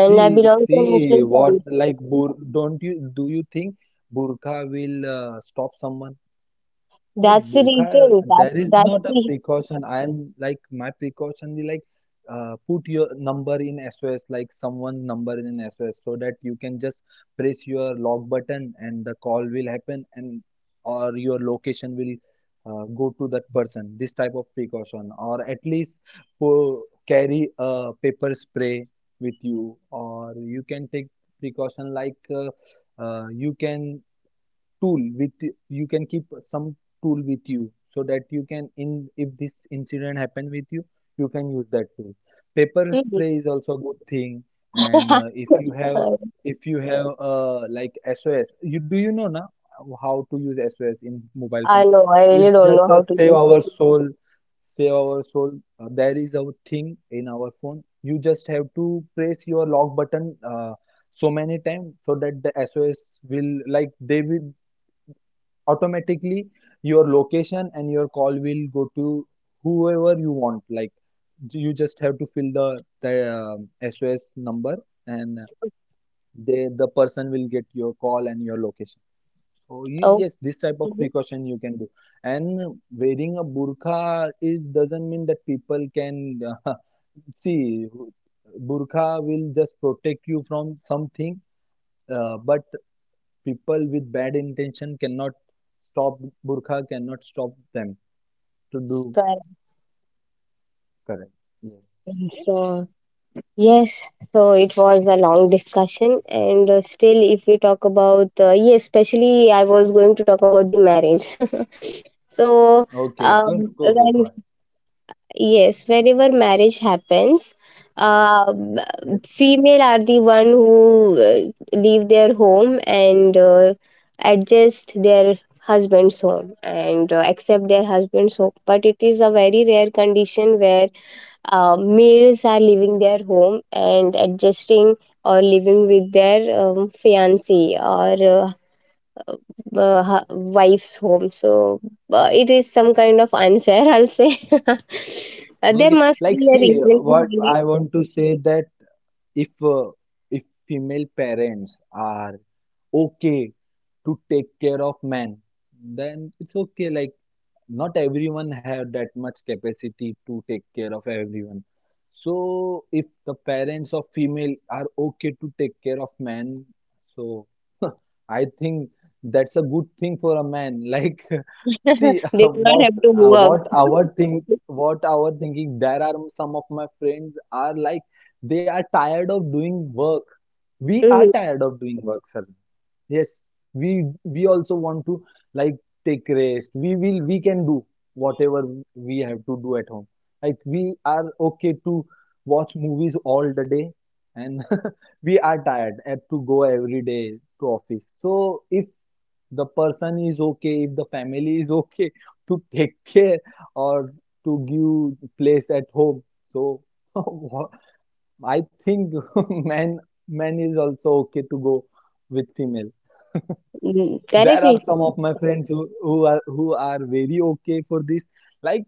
[SPEAKER 1] and I belong to a
[SPEAKER 2] see
[SPEAKER 1] Muslim
[SPEAKER 2] what
[SPEAKER 1] family.
[SPEAKER 2] like bur don't you, do you think burqa will uh, stop someone? Like
[SPEAKER 1] that's the
[SPEAKER 2] burqa,
[SPEAKER 1] reason
[SPEAKER 2] there
[SPEAKER 1] that's
[SPEAKER 2] is
[SPEAKER 1] that's
[SPEAKER 2] not a
[SPEAKER 1] the
[SPEAKER 2] precaution. I am like my precaution be like, uh, put your number in S O S, like someone number in S O S, so that you can just press your log button and the call will happen, and or your location will uh, go to that person. This type of precaution, or at least po carry a paper spray with you, or you can take precaution like uh, uh, you can tool with you can keep some tool with you so that you can in if this incident happen with you you can use that tool. Paper
[SPEAKER 1] Mhm.
[SPEAKER 2] spray is also a good thing. And uh, if you have
[SPEAKER 1] i
[SPEAKER 2] if you have uh, like S O S you do you know now how to use S O S in mobile
[SPEAKER 1] I
[SPEAKER 2] phone.
[SPEAKER 1] know, I really
[SPEAKER 2] It's
[SPEAKER 1] don't know
[SPEAKER 2] just a
[SPEAKER 1] how to
[SPEAKER 2] save
[SPEAKER 1] do
[SPEAKER 2] our
[SPEAKER 1] it.
[SPEAKER 2] soul, save our soul. Uh, there is a thing in our phone. You just have to press your lock button uh, so many times so that the S O S will like they will automatically your location and your call will go to whoever you want. Like you just have to fill the the um, S O S number, and they the person will get your call and your location. So y-
[SPEAKER 1] Oh,
[SPEAKER 2] yes, this type of precaution you can do. And wearing a burqa is doesn't mean that people can uh, see burqa will just protect you from something, uh, but people with bad intention cannot stop. Burqa cannot stop them to do.
[SPEAKER 1] correct.
[SPEAKER 2] Correct. Yes.
[SPEAKER 1] So yes, so it was a long discussion, and uh, still, if we talk about, uh, yes, especially I was going to talk about the marriage. so,
[SPEAKER 2] Okay, go
[SPEAKER 1] um,
[SPEAKER 2] go go go
[SPEAKER 1] when,
[SPEAKER 2] ahead.
[SPEAKER 1] yes, whenever marriage happens, uh,
[SPEAKER 2] Yes.
[SPEAKER 1] female are the one who uh, leave their home and uh, adjust their husband's home and uh, accept their husband's home. But it is a very rare condition where uh, males are leaving their home and adjusting or living with their um, fiancé or uh, uh, hu- wife's home. So uh, it is some kind of unfair, I'll say. Uh, there
[SPEAKER 2] Okay.
[SPEAKER 1] must be
[SPEAKER 2] Like
[SPEAKER 1] a
[SPEAKER 2] see
[SPEAKER 1] reason
[SPEAKER 2] what
[SPEAKER 1] behind it.
[SPEAKER 2] I want to say that if uh, if female parents are okay to take care of men, then it's okay. Like not everyone have that much capacity to take care of everyone. So if the parents of female are okay to take care of men, so I think that's a good thing for a man. Like, see,
[SPEAKER 1] They do not
[SPEAKER 2] what
[SPEAKER 1] have to
[SPEAKER 2] uh,
[SPEAKER 1] work.
[SPEAKER 2] what our think, what our thinking. There are some of my friends are like they are tired of doing work. We are
[SPEAKER 1] Mhm.
[SPEAKER 2] tired of doing work, sir. Yes, we we also want to like take rest. We will we can do whatever we have to do at home. Like we are okay to watch movies all the day and we are tired at to go every day to office. So if the person is okay, if the family is okay, to take care or to give place at home, so I think man man is also okay to go with female.
[SPEAKER 1] Mm,
[SPEAKER 2] There are
[SPEAKER 1] correctly.
[SPEAKER 2] some of my friends who, who are who are very okay for this. Like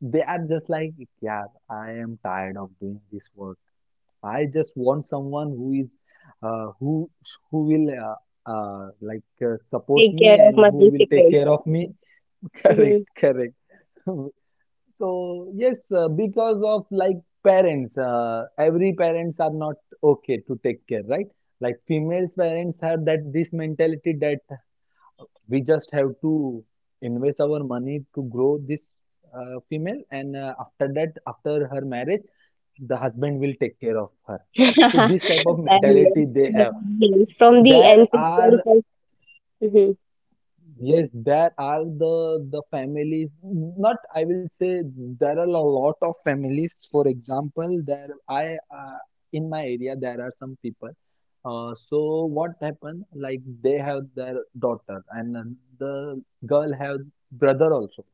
[SPEAKER 2] they are just like, yeah, I am tired of doing this work. I just want someone who is uh, who who will uh, uh, like uh, support
[SPEAKER 1] Take
[SPEAKER 2] me
[SPEAKER 1] care of
[SPEAKER 2] and
[SPEAKER 1] my
[SPEAKER 2] who will
[SPEAKER 1] basic
[SPEAKER 2] take care
[SPEAKER 1] needs.
[SPEAKER 2] of me. Correct,
[SPEAKER 1] Mhm.
[SPEAKER 2] correct. So yes, uh, because of like parents, uh, every parents are not okay to take care, right? Like females parents have that this mentality that we just have to invest our money to grow this uh, female, and uh, after that after her marriage the husband will take care of her. So this type of
[SPEAKER 1] And yes,
[SPEAKER 2] mentality they have.
[SPEAKER 1] yes, from the
[SPEAKER 2] There
[SPEAKER 1] ancestors.
[SPEAKER 2] are
[SPEAKER 1] Of- Mhm.
[SPEAKER 2] Yes, there are the the families. Not, I will say there are a lot of families. For example, there I uh, in my area there are some people. Uh, so what happened? Like they have their daughter, and then the girl have brother also.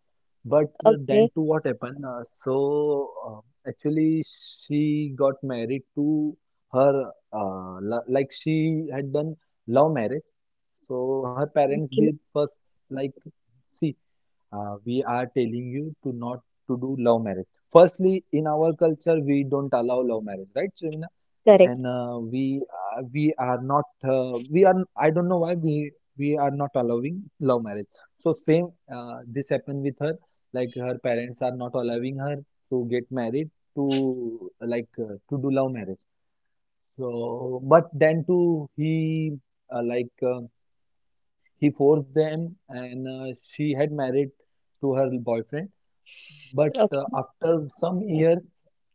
[SPEAKER 2] But uh, then
[SPEAKER 1] Okay.
[SPEAKER 2] to what happened? Uh, so uh, actually she got married to her uh, lo- like she had done love marriage. So her parents be
[SPEAKER 1] Okay.
[SPEAKER 2] first like, see, uh, we are telling you to not to do love marriage. Firstly, in our culture, we don't allow love marriage, right, Shravina?
[SPEAKER 1] Correct.
[SPEAKER 2] And uh, we uh, we are not uh, we are, I don't know why we we are not allowing love marriage. So same, uh, this happened with her. Like her parents are not allowing her to get married to like uh, to do love marriage. So but then too he uh, like. Um, he forced them, and uh, she had married to her boyfriend. But uh,
[SPEAKER 1] Okay.
[SPEAKER 2] after some years,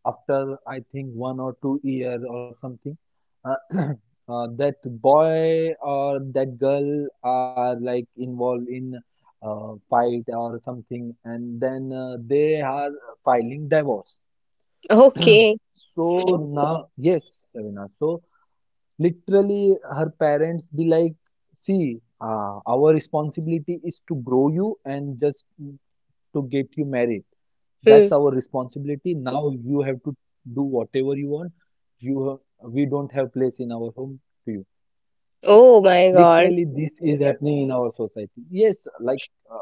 [SPEAKER 2] after I think one or two years or something, uh, uh, that boy or that girl are like involved in uh, fight or something, and then uh, they are filing divorce.
[SPEAKER 1] Okay.
[SPEAKER 2] So now, yes, Savina, so literally, her parents be like, "See, uh, our responsibility is to grow you and just to get you married. That's
[SPEAKER 1] Hmm.
[SPEAKER 2] our responsibility. Now you have to do whatever you want. You have, we don't have place in our home to you."
[SPEAKER 1] Oh my God.
[SPEAKER 2] Literally, this is happening in our society. Yes, like uh,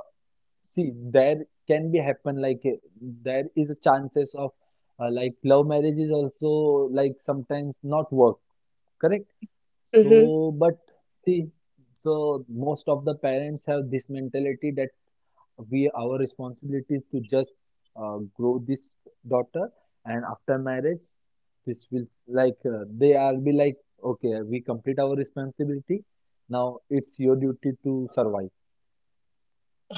[SPEAKER 2] see, there can be happen like, uh, there is a chances of uh, like love marriage is also like sometimes not work. Correct?
[SPEAKER 1] Mhm.
[SPEAKER 2] So, but see, so most of the parents have this mentality that we our responsibility is to just uh, grow this daughter, and after marriage, this will like uh, they are be like, okay, we complete our responsibility. Now it's your duty to survive.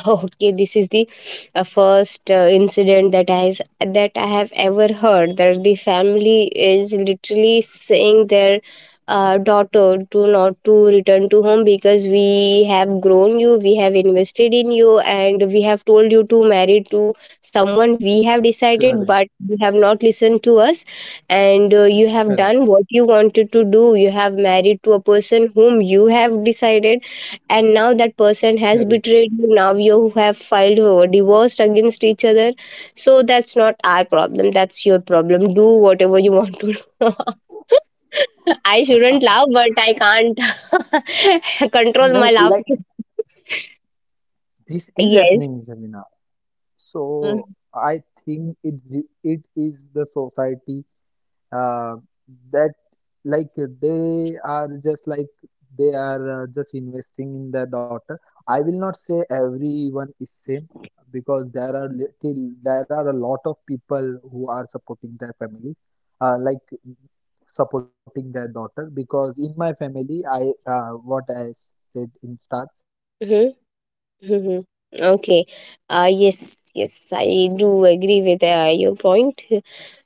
[SPEAKER 1] Okay, this is the uh, first uh, incident that I has that I have ever heard, that the family is literally saying their uh, daughter to not to return to home because, "We have grown you, we have invested in you, and we have told you to marry to someone we have decided,
[SPEAKER 2] Correct,
[SPEAKER 1] but you have not listened to us, and uh, you have done
[SPEAKER 2] correct,
[SPEAKER 1] what you wanted to do. You have married to a person whom you have decided, and now that person has
[SPEAKER 2] correct.
[SPEAKER 1] betrayed you, now you have filed a divorce against each other, so that's not our problem, that's your problem, do whatever you want to do." I shouldn't laugh, but I can't control my
[SPEAKER 2] Nay, like
[SPEAKER 1] laughter.
[SPEAKER 2] this is
[SPEAKER 1] Yes.
[SPEAKER 2] happening, Jamina. So I think it's the- it is the society uh, that like uh, they are just like they are uh, just investing in their daughter. I will not say everyone is same, because there are little there are a lot of people who are supporting their family, uh, like supporting their daughter, because in my family I.
[SPEAKER 1] Mm-hmm. Mm-hmm. Okay. Uh, yes, yes, I do agree with uh, your point.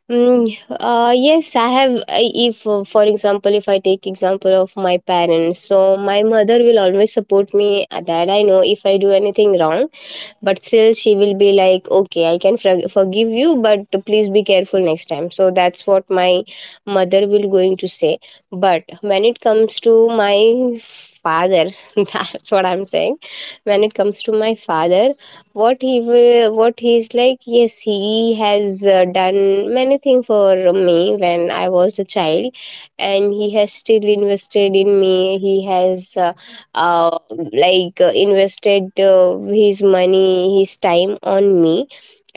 [SPEAKER 1] Mm, uh, yes, I have. I- if, uh, for example, if I take example of my parents, so my mother will always support me. uh, That I know, if I do anything wrong, but still she will be like, "Okay, I can forg- forgive you, but please be careful next time." So that's what my mother will going to say. But when it comes to my father, that's what I'm saying, when it comes to my father, what he will, what he's like, yes, he has uh, done many things for me when I was a child, and he has still invested in me. He has uh, uh, like uh, invested, uh, his money, his time on me,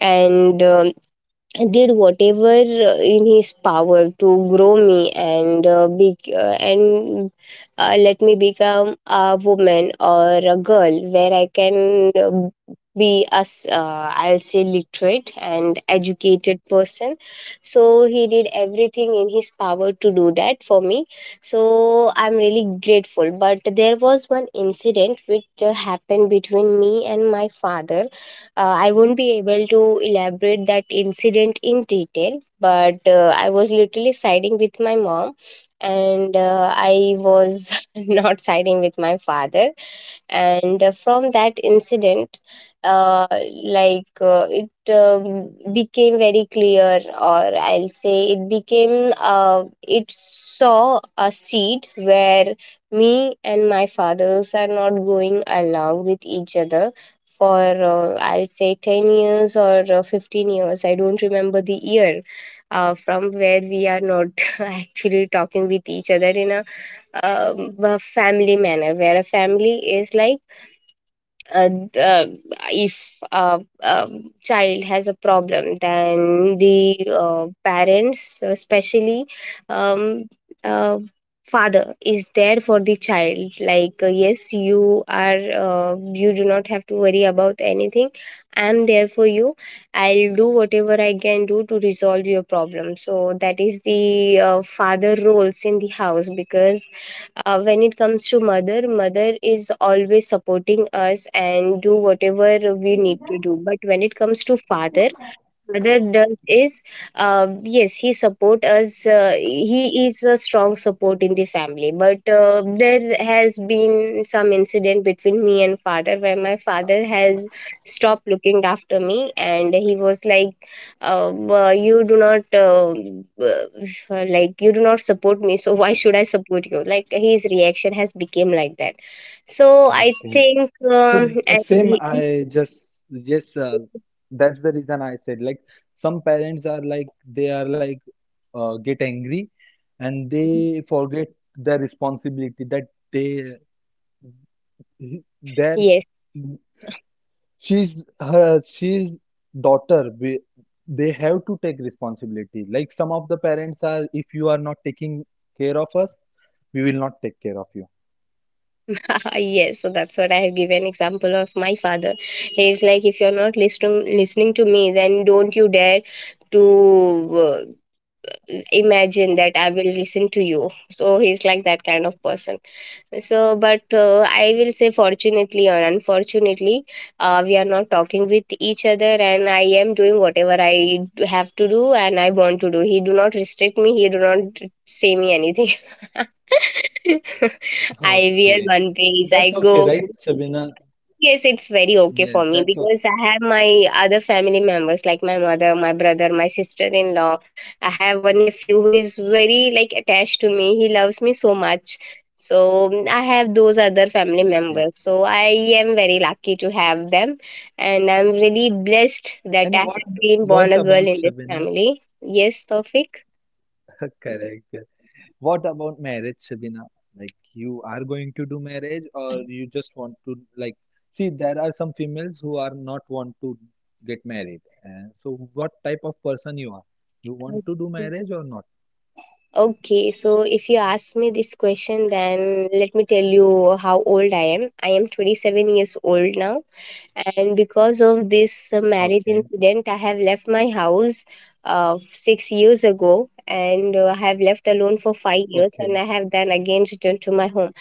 [SPEAKER 1] and um, did whatever uh, in his power to grow me and uh, be, uh, and uh, let me become a woman or a girl where I can uh, be as uh, I'll say literate and educated person. So he did everything in his power to do that for me. So I'm really grateful. But there was one incident which uh, happened between me and my father. uh, I won't be able to elaborate that incident in detail, but uh, I was literally siding with my mom, and uh, I was not siding with my father. And uh, from that incident, uh, like uh, it um, became very clear, or I'll say it became, uh, it saw a seed where me and my fathers are not going along with each other for uh, I'll say ten years or uh, fifteen years. I don't remember the year uh, from where we are not actually talking with each other in a um, a family manner, where a family is like, uh, the, if a, a child has a problem, then the uh, parents, especially um, uh, father, is there for the child. Like, uh, yes, you are, uh, you do not have to worry about anything. I'm there for you. I'll do whatever I can do to resolve your problem. So that is the uh, father roles in the house, because uh, when it comes to mother, mother is always supporting us and do whatever we need to do. But when it comes to father, father does is, um yes, he support us, uh, he is a strong support in the family. But uh, there has been some incident between me and father where my father has stopped looking after me, and he was like, uh, "Well, you do not uh, uh, like you do not support me, so why should I support you?" Like his reaction has become like that. So I
[SPEAKER 2] Okay.
[SPEAKER 1] think
[SPEAKER 2] So
[SPEAKER 1] um,
[SPEAKER 2] the
[SPEAKER 1] and
[SPEAKER 2] same,
[SPEAKER 1] he,
[SPEAKER 2] I just yes, uh, that's the reason I said like some parents are like they are like uh, get angry and they forget the responsibility that they their
[SPEAKER 1] yes.
[SPEAKER 2] she's her she's daughter, we, they have to take responsibility. Like some of the parents are, if you are not taking care of us, we will not take care of you.
[SPEAKER 1] Yes, so that's what I have given example of my father. He is like, if you're not listening listening to me, then don't you dare to uh, imagine that I will listen to you. So he's like that kind of person. So, but uh, I will say fortunately or unfortunately, uh, we are not talking with each other, and I am doing whatever I d- have to do and I want to do. He do not restrict me. He do not say me anything. I wear one
[SPEAKER 2] Okay.
[SPEAKER 1] piece. I go.
[SPEAKER 2] That's okay, right, Shabina?
[SPEAKER 1] Yes, it's very okay for me
[SPEAKER 2] Yes,
[SPEAKER 1] because I
[SPEAKER 2] that's
[SPEAKER 1] have
[SPEAKER 2] okay.
[SPEAKER 1] my other family members, like my mother, my brother, my sister-in-law. I have one nephew who is very like attached to me. He loves me so much. So mm, I have those other family
[SPEAKER 2] Okay.
[SPEAKER 1] members. So I am very lucky to have them, and I'm really blessed that I
[SPEAKER 2] And what
[SPEAKER 1] have been born
[SPEAKER 2] what
[SPEAKER 1] a girl
[SPEAKER 2] about
[SPEAKER 1] in this
[SPEAKER 2] Shabina?
[SPEAKER 1] family. Yes, Tawfiq.
[SPEAKER 2] Correct. What about marriage, Shabina? Like you are going to do marriage, or you just want to like see there are some females who are not want to get married. Uh, so what type of person you are? You want to do marriage or not?
[SPEAKER 1] Okay, so if you ask me this question, then let me tell you how old I am. I am twenty-seven years old now, and because of this uh, marriage
[SPEAKER 2] Okay.
[SPEAKER 1] incident, I have left my house uh, six years ago, and uh, I have left alone for five years, and
[SPEAKER 2] Okay.
[SPEAKER 1] I have then again returned to my home.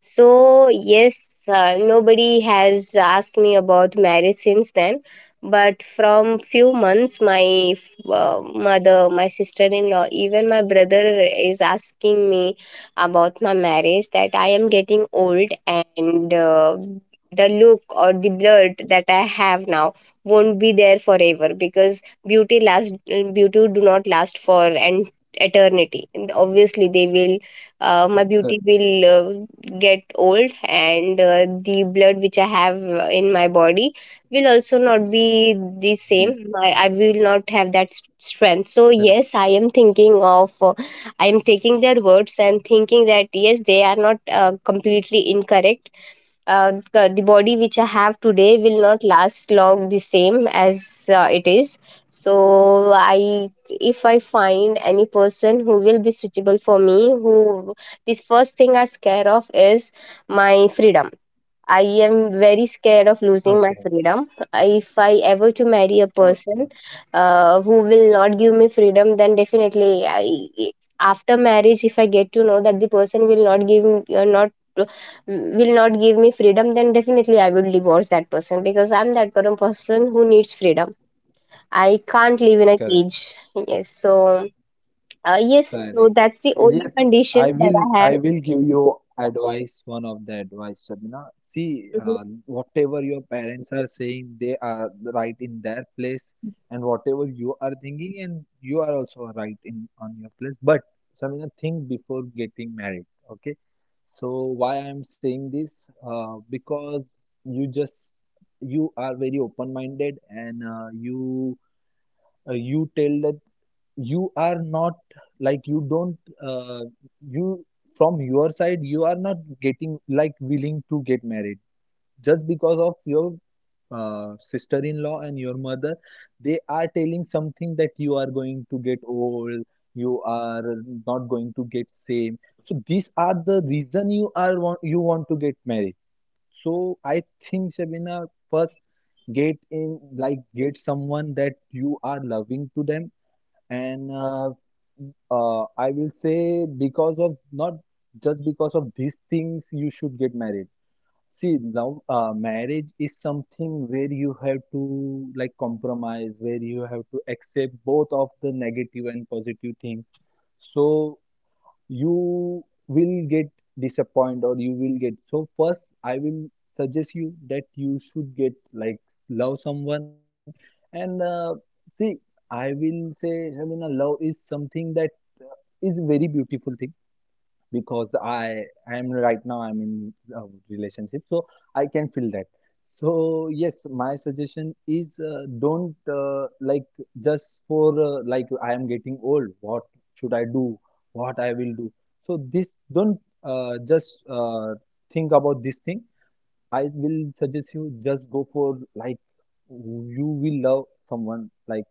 [SPEAKER 1] So, yes, uh, nobody has asked me about marriage since then. But from few months, my uh, mother, my sister-in-law, even my brother is asking me about my marriage. That I am getting old, and uh, the look or the blood that I have now won't be there forever, because beauty last beauty do not last for an eternity. Obviously, they will uh, my beauty
[SPEAKER 2] Correct.
[SPEAKER 1] will uh, get old, and uh, the blood which I have uh, in my body will also not be the
[SPEAKER 2] Yes.
[SPEAKER 1] same. i, I will not have that s- strength. So
[SPEAKER 2] Correct.
[SPEAKER 1] yes, I am thinking of uh, I am taking their words and thinking that yes, they are not uh, completely incorrect. Uh, the, the body which I have today will not last long the same as uh, it is. So I, if I find any person who will be suitable for me, who, this first thing I scare of is my freedom. I am very scared of losing my
[SPEAKER 2] Okay.
[SPEAKER 1] freedom. If I ever to marry a person
[SPEAKER 2] Okay.
[SPEAKER 1] uh, who will not give me freedom, then definitely I, after marriage, if I get to know that the person will not give me- uh, not will not give me freedom, then definitely I will divorce that person, because I'm that kind of person who needs freedom. I can't live in a
[SPEAKER 2] Correct.
[SPEAKER 1] cage. Yes, so uh, yes,
[SPEAKER 2] Correct.
[SPEAKER 1] so that's the only
[SPEAKER 2] Yes, I
[SPEAKER 1] condition that
[SPEAKER 2] will.
[SPEAKER 1] I have.
[SPEAKER 2] I will give you advice. One of the advice, Shabina. See,
[SPEAKER 1] Mm-hmm.
[SPEAKER 2] uh, whatever your parents are saying, they are right in their place, and whatever you are thinking, and you are also right in on your place. But Shabina, think before getting married. Okay. So why I am saying this? Uh, because you just you are very open-minded, and uh, you uh, you tell that you are not like you don't uh, you from your side you are not getting like willing to get married just because of your uh, sister-in-law and your mother. They are telling something that you are going to get old, you are not to get same, so these are the reason you are want you want to get married. So I think Shabina first get in like get someone that you are loving to them, and uh, uh, I will say because of not just because of these things you should get married. See, now uh, marriage is something where you have to like compromise, where you have to accept both of the negative and positive things. So you will get disappointed or you will get. So first I will suggest you that you should get like love someone. And uh, see, I will say, I mean, a love is something that is very beautiful thing, because I am right now I'm in a relationship, so I can feel that. So yes, my suggestion is, uh, don't uh, like just for uh, like I am getting old. What should I do? What I will do? So this don't uh, just uh, think about this thing. I will suggest you just go for like you will love someone like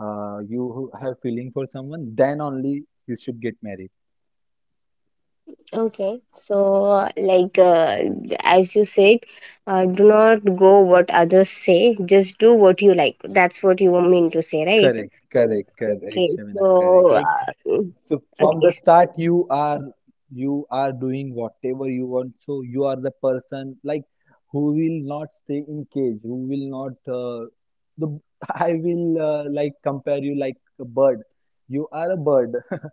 [SPEAKER 2] uh, you have feeling for someone. Then only you should get married.
[SPEAKER 1] Okay, so like uh, as you said, uh, do not go what others say. Just do what you like. That's what you want me to say, right?
[SPEAKER 2] Correct, correct, correct,
[SPEAKER 1] Okay,
[SPEAKER 2] Shamina,
[SPEAKER 1] so
[SPEAKER 2] correct. Like
[SPEAKER 1] uh,
[SPEAKER 2] so from the
[SPEAKER 1] okay.
[SPEAKER 2] start you are you are doing whatever you want. So you are the person like who will not stay in cage, who will not uh, the I will uh, like compare you like a bird. You are a bird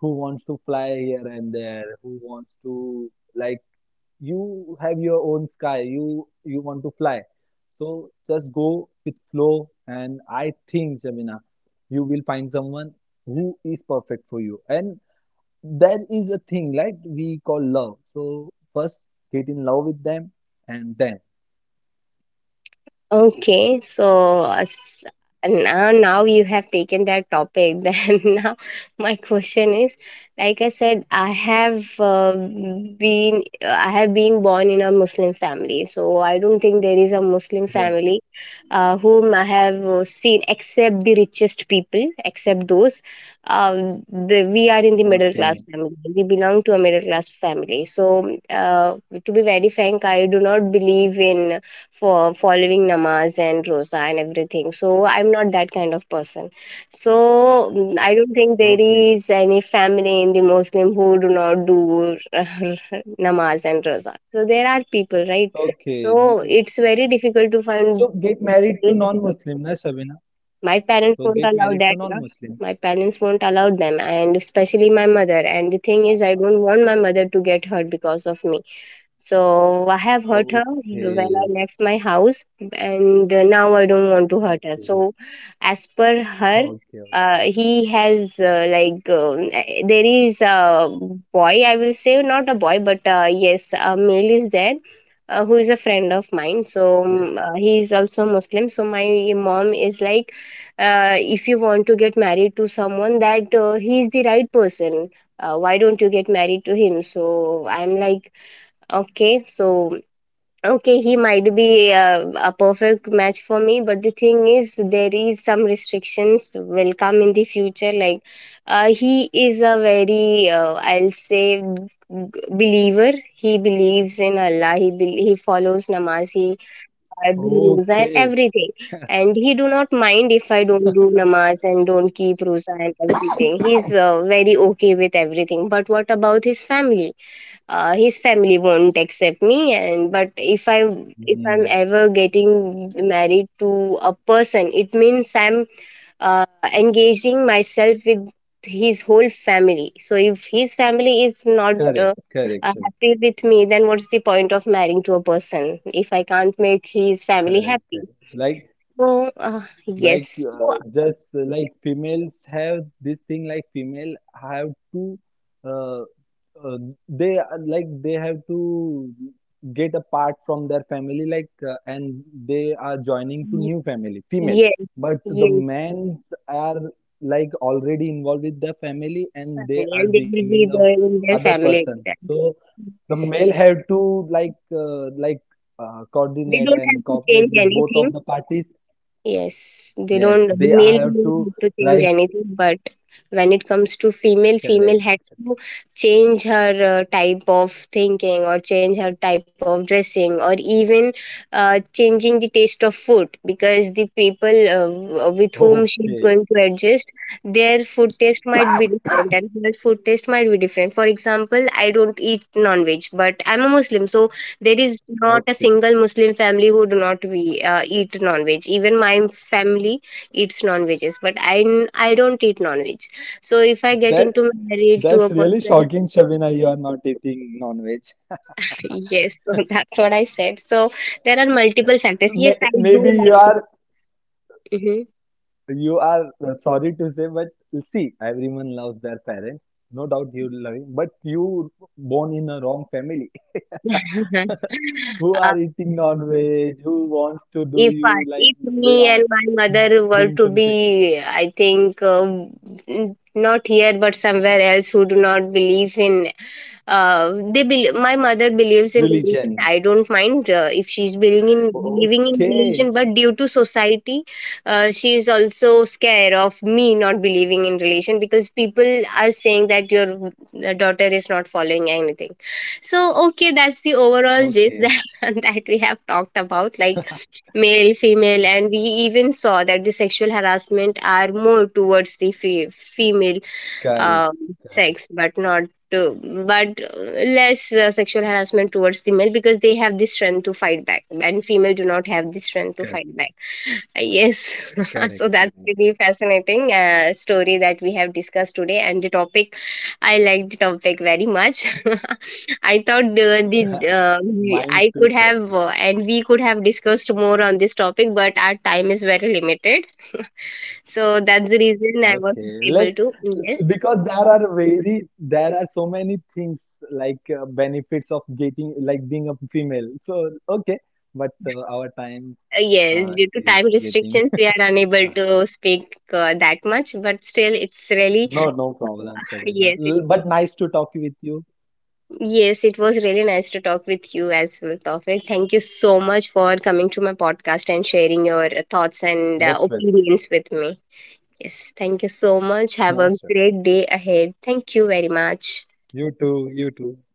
[SPEAKER 2] who wants to fly here and there, who wants to like you have your own sky, you you want to fly. So just go with flow, and I think Jamina, you will find someone who is perfect for you, and there is a thing like we call love. So first get in love with them, and then
[SPEAKER 1] Okay, so as now now you have taken that topic. Then now my question is, like I said, I have uh, been I have been born in a Muslim family, so I don't think there is a Muslim
[SPEAKER 2] yes.
[SPEAKER 1] family uh, whom I have uh, seen except the richest people, except those. Uh, the, we are in the middle class
[SPEAKER 2] Okay,
[SPEAKER 1] family. We belong to a middle class family. So uh, to be very frank, I do not believe in for following namaz and rosa and everything, so I'm not that kind of person. So mm, I don't think there
[SPEAKER 2] okay,
[SPEAKER 1] is any family in the Muslim who do not do namaz and rosa, so there are people, right?
[SPEAKER 2] okay.
[SPEAKER 1] So it's very difficult to find.
[SPEAKER 2] So get married to non-Muslim, na, Shabina.
[SPEAKER 1] My parents
[SPEAKER 2] So
[SPEAKER 1] won't
[SPEAKER 2] get
[SPEAKER 1] allow
[SPEAKER 2] married to
[SPEAKER 1] that. Na.
[SPEAKER 2] non-Muslim.
[SPEAKER 1] My parents won't allow them, and especially my mother. And the thing is, I don't want my mother to get hurt because of me. So I have hurt her when I
[SPEAKER 2] Okay,
[SPEAKER 1] left my house, and uh, now I don't want to hurt her.
[SPEAKER 2] okay,
[SPEAKER 1] So, as per her,
[SPEAKER 2] okay,
[SPEAKER 1] uh,
[SPEAKER 2] okay.
[SPEAKER 1] he has uh, like uh, there is a boy, I will say not a boy, but uh, yes, a male is there. Uh, who is a friend of mine. So um, uh, he is also Muslim, so my mom is like, uh, if you want to get married to someone, that uh, he is the right person. Uh, why don't you get married to him? So I'm like, okay, so okay, he might be uh, a perfect match for me, but the thing is, there is some restrictions will come in the future, like uh, he is a very uh, I'll say g- believer. He believes in Allah. He bel he follows namaz. He uh,
[SPEAKER 2] Okay.
[SPEAKER 1] roza and everything. And he do not mind if I don't do namaz and don't keep roza and everything. He's uh, very okay with everything, but what about his family? Uh, his family won't accept me. And but if I if I'm
[SPEAKER 2] Hmm.
[SPEAKER 1] ever getting married to a person, it means I'm uh, engaging myself with his whole family. So if his family is not
[SPEAKER 2] Correct,
[SPEAKER 1] uh,
[SPEAKER 2] correct,
[SPEAKER 1] uh,
[SPEAKER 2] sir.
[SPEAKER 1] happy with me, then what's the point of marrying to a person if I can't make his family
[SPEAKER 2] Correct,
[SPEAKER 1] happy?
[SPEAKER 2] correct. Like,
[SPEAKER 1] So uh,
[SPEAKER 2] like
[SPEAKER 1] yes. So,
[SPEAKER 2] uh,
[SPEAKER 1] uh,
[SPEAKER 2] just uh, like females have this thing like female have to uh, uh, they are like they have to get apart from their family, like uh, and they are joining to
[SPEAKER 1] y-
[SPEAKER 2] new family female.
[SPEAKER 1] yes,
[SPEAKER 2] But the
[SPEAKER 1] yes,
[SPEAKER 2] men's are like already involved with the family, and they
[SPEAKER 1] family,
[SPEAKER 2] are
[SPEAKER 1] and they will
[SPEAKER 2] bringing
[SPEAKER 1] be
[SPEAKER 2] up
[SPEAKER 1] there in their
[SPEAKER 2] other
[SPEAKER 1] family
[SPEAKER 2] person.
[SPEAKER 1] itself.
[SPEAKER 2] So the
[SPEAKER 1] Yes.
[SPEAKER 2] male have to like uh, like uh,
[SPEAKER 1] They
[SPEAKER 2] coordinate
[SPEAKER 1] don't have
[SPEAKER 2] and
[SPEAKER 1] to
[SPEAKER 2] cooperate
[SPEAKER 1] change
[SPEAKER 2] with both
[SPEAKER 1] anything.
[SPEAKER 2] of the parties.
[SPEAKER 1] Yes, they
[SPEAKER 2] Yes,
[SPEAKER 1] don't,
[SPEAKER 2] they
[SPEAKER 1] male
[SPEAKER 2] have
[SPEAKER 1] don't
[SPEAKER 2] to
[SPEAKER 1] have to change
[SPEAKER 2] like
[SPEAKER 1] anything, but when it comes to female, female
[SPEAKER 2] correct.
[SPEAKER 1] had to change her uh, type of thinking, or change her type of dressing, or even uh, changing the taste of food, because the people uh, with whom she's
[SPEAKER 2] Okay,
[SPEAKER 1] going to adjust, their food taste might be different and her food taste might be different. For example, I don't eat non-veg, but I'm a Muslim, so there is not a
[SPEAKER 2] okay.
[SPEAKER 1] single Muslim family who do not we, uh, eat non-veg. Even my family eats non-veggies, but I n- I don't eat non-veg. So if I get into
[SPEAKER 2] That's
[SPEAKER 1] married to
[SPEAKER 2] that's
[SPEAKER 1] a
[SPEAKER 2] really
[SPEAKER 1] person,
[SPEAKER 2] shocking, Shabina. You are not eating non-veg.
[SPEAKER 1] yes, so that's what I said. So there are multiple factors. Yes,
[SPEAKER 2] May,
[SPEAKER 1] I do
[SPEAKER 2] maybe you
[SPEAKER 1] like.
[SPEAKER 2] are
[SPEAKER 1] Mhm.
[SPEAKER 2] you are uh, sorry to say, but see, everyone loves their parents. No doubt you love him, but you born in a wrong family. Who are eating non-veg? Who wants to do?
[SPEAKER 1] If I
[SPEAKER 2] You like
[SPEAKER 1] if
[SPEAKER 2] they
[SPEAKER 1] me
[SPEAKER 2] are
[SPEAKER 1] and my
[SPEAKER 2] doing
[SPEAKER 1] mother were
[SPEAKER 2] something.
[SPEAKER 1] to be, I think, um, n- not here, but somewhere else, who do not believe in, uh, they bel my mother believes in religion.
[SPEAKER 2] Religion?
[SPEAKER 1] I don't mind uh, if she's believing in believing in
[SPEAKER 2] Okay,
[SPEAKER 1] religion, but due to society, uh, she is also scared of me not believing in religion, because people are saying that your uh, daughter is not following anything. So okay, that's the overall gist
[SPEAKER 2] okay,
[SPEAKER 1] that, that we have talked about, like male, female, and we even saw that the sexual harassment are more towards the fe- female
[SPEAKER 2] correct,
[SPEAKER 1] um, sex,
[SPEAKER 2] correct,
[SPEAKER 1] but not to, but less uh, sexual harassment towards the male, because they have the strength to fight back and female do not have the strength to fight back.
[SPEAKER 2] correct.
[SPEAKER 1] Uh, yes. So that's
[SPEAKER 2] Correct, correct.
[SPEAKER 1] really fascinating uh, story that we have discussed today, and the topic, I like the topic very much. I thought uh, the uh, we-
[SPEAKER 2] Mine
[SPEAKER 1] I
[SPEAKER 2] too,
[SPEAKER 1] could have
[SPEAKER 2] Sharmila.
[SPEAKER 1] uh, and we could have discussed more on this topic, but our time is very limited. So that's the reason I was
[SPEAKER 2] Okay,
[SPEAKER 1] not
[SPEAKER 2] let
[SPEAKER 1] able to. Yes.
[SPEAKER 2] because there are very there are so many things like uh, benefits of getting like being a female. So okay, but uh, our times
[SPEAKER 1] Uh, Yes,
[SPEAKER 2] uh,
[SPEAKER 1] due to
[SPEAKER 2] is
[SPEAKER 1] time
[SPEAKER 2] getting
[SPEAKER 1] restrictions, we are unable
[SPEAKER 2] okay.
[SPEAKER 1] to speak uh, that much, but still, it's really
[SPEAKER 2] No, no problem, Sharmila.
[SPEAKER 1] yes, it
[SPEAKER 2] L-
[SPEAKER 1] was,
[SPEAKER 2] But nice to talk with you.
[SPEAKER 1] yes, it was really nice to talk with you as well, Tawfiq. Thank you so much for coming to my podcast and sharing your uh, thoughts and uh,
[SPEAKER 2] Most welcome.
[SPEAKER 1] opinions with me. Yes, thank you so much. Have a
[SPEAKER 2] Most welcome.
[SPEAKER 1] great day ahead. Thank you very much.
[SPEAKER 2] You too. You too.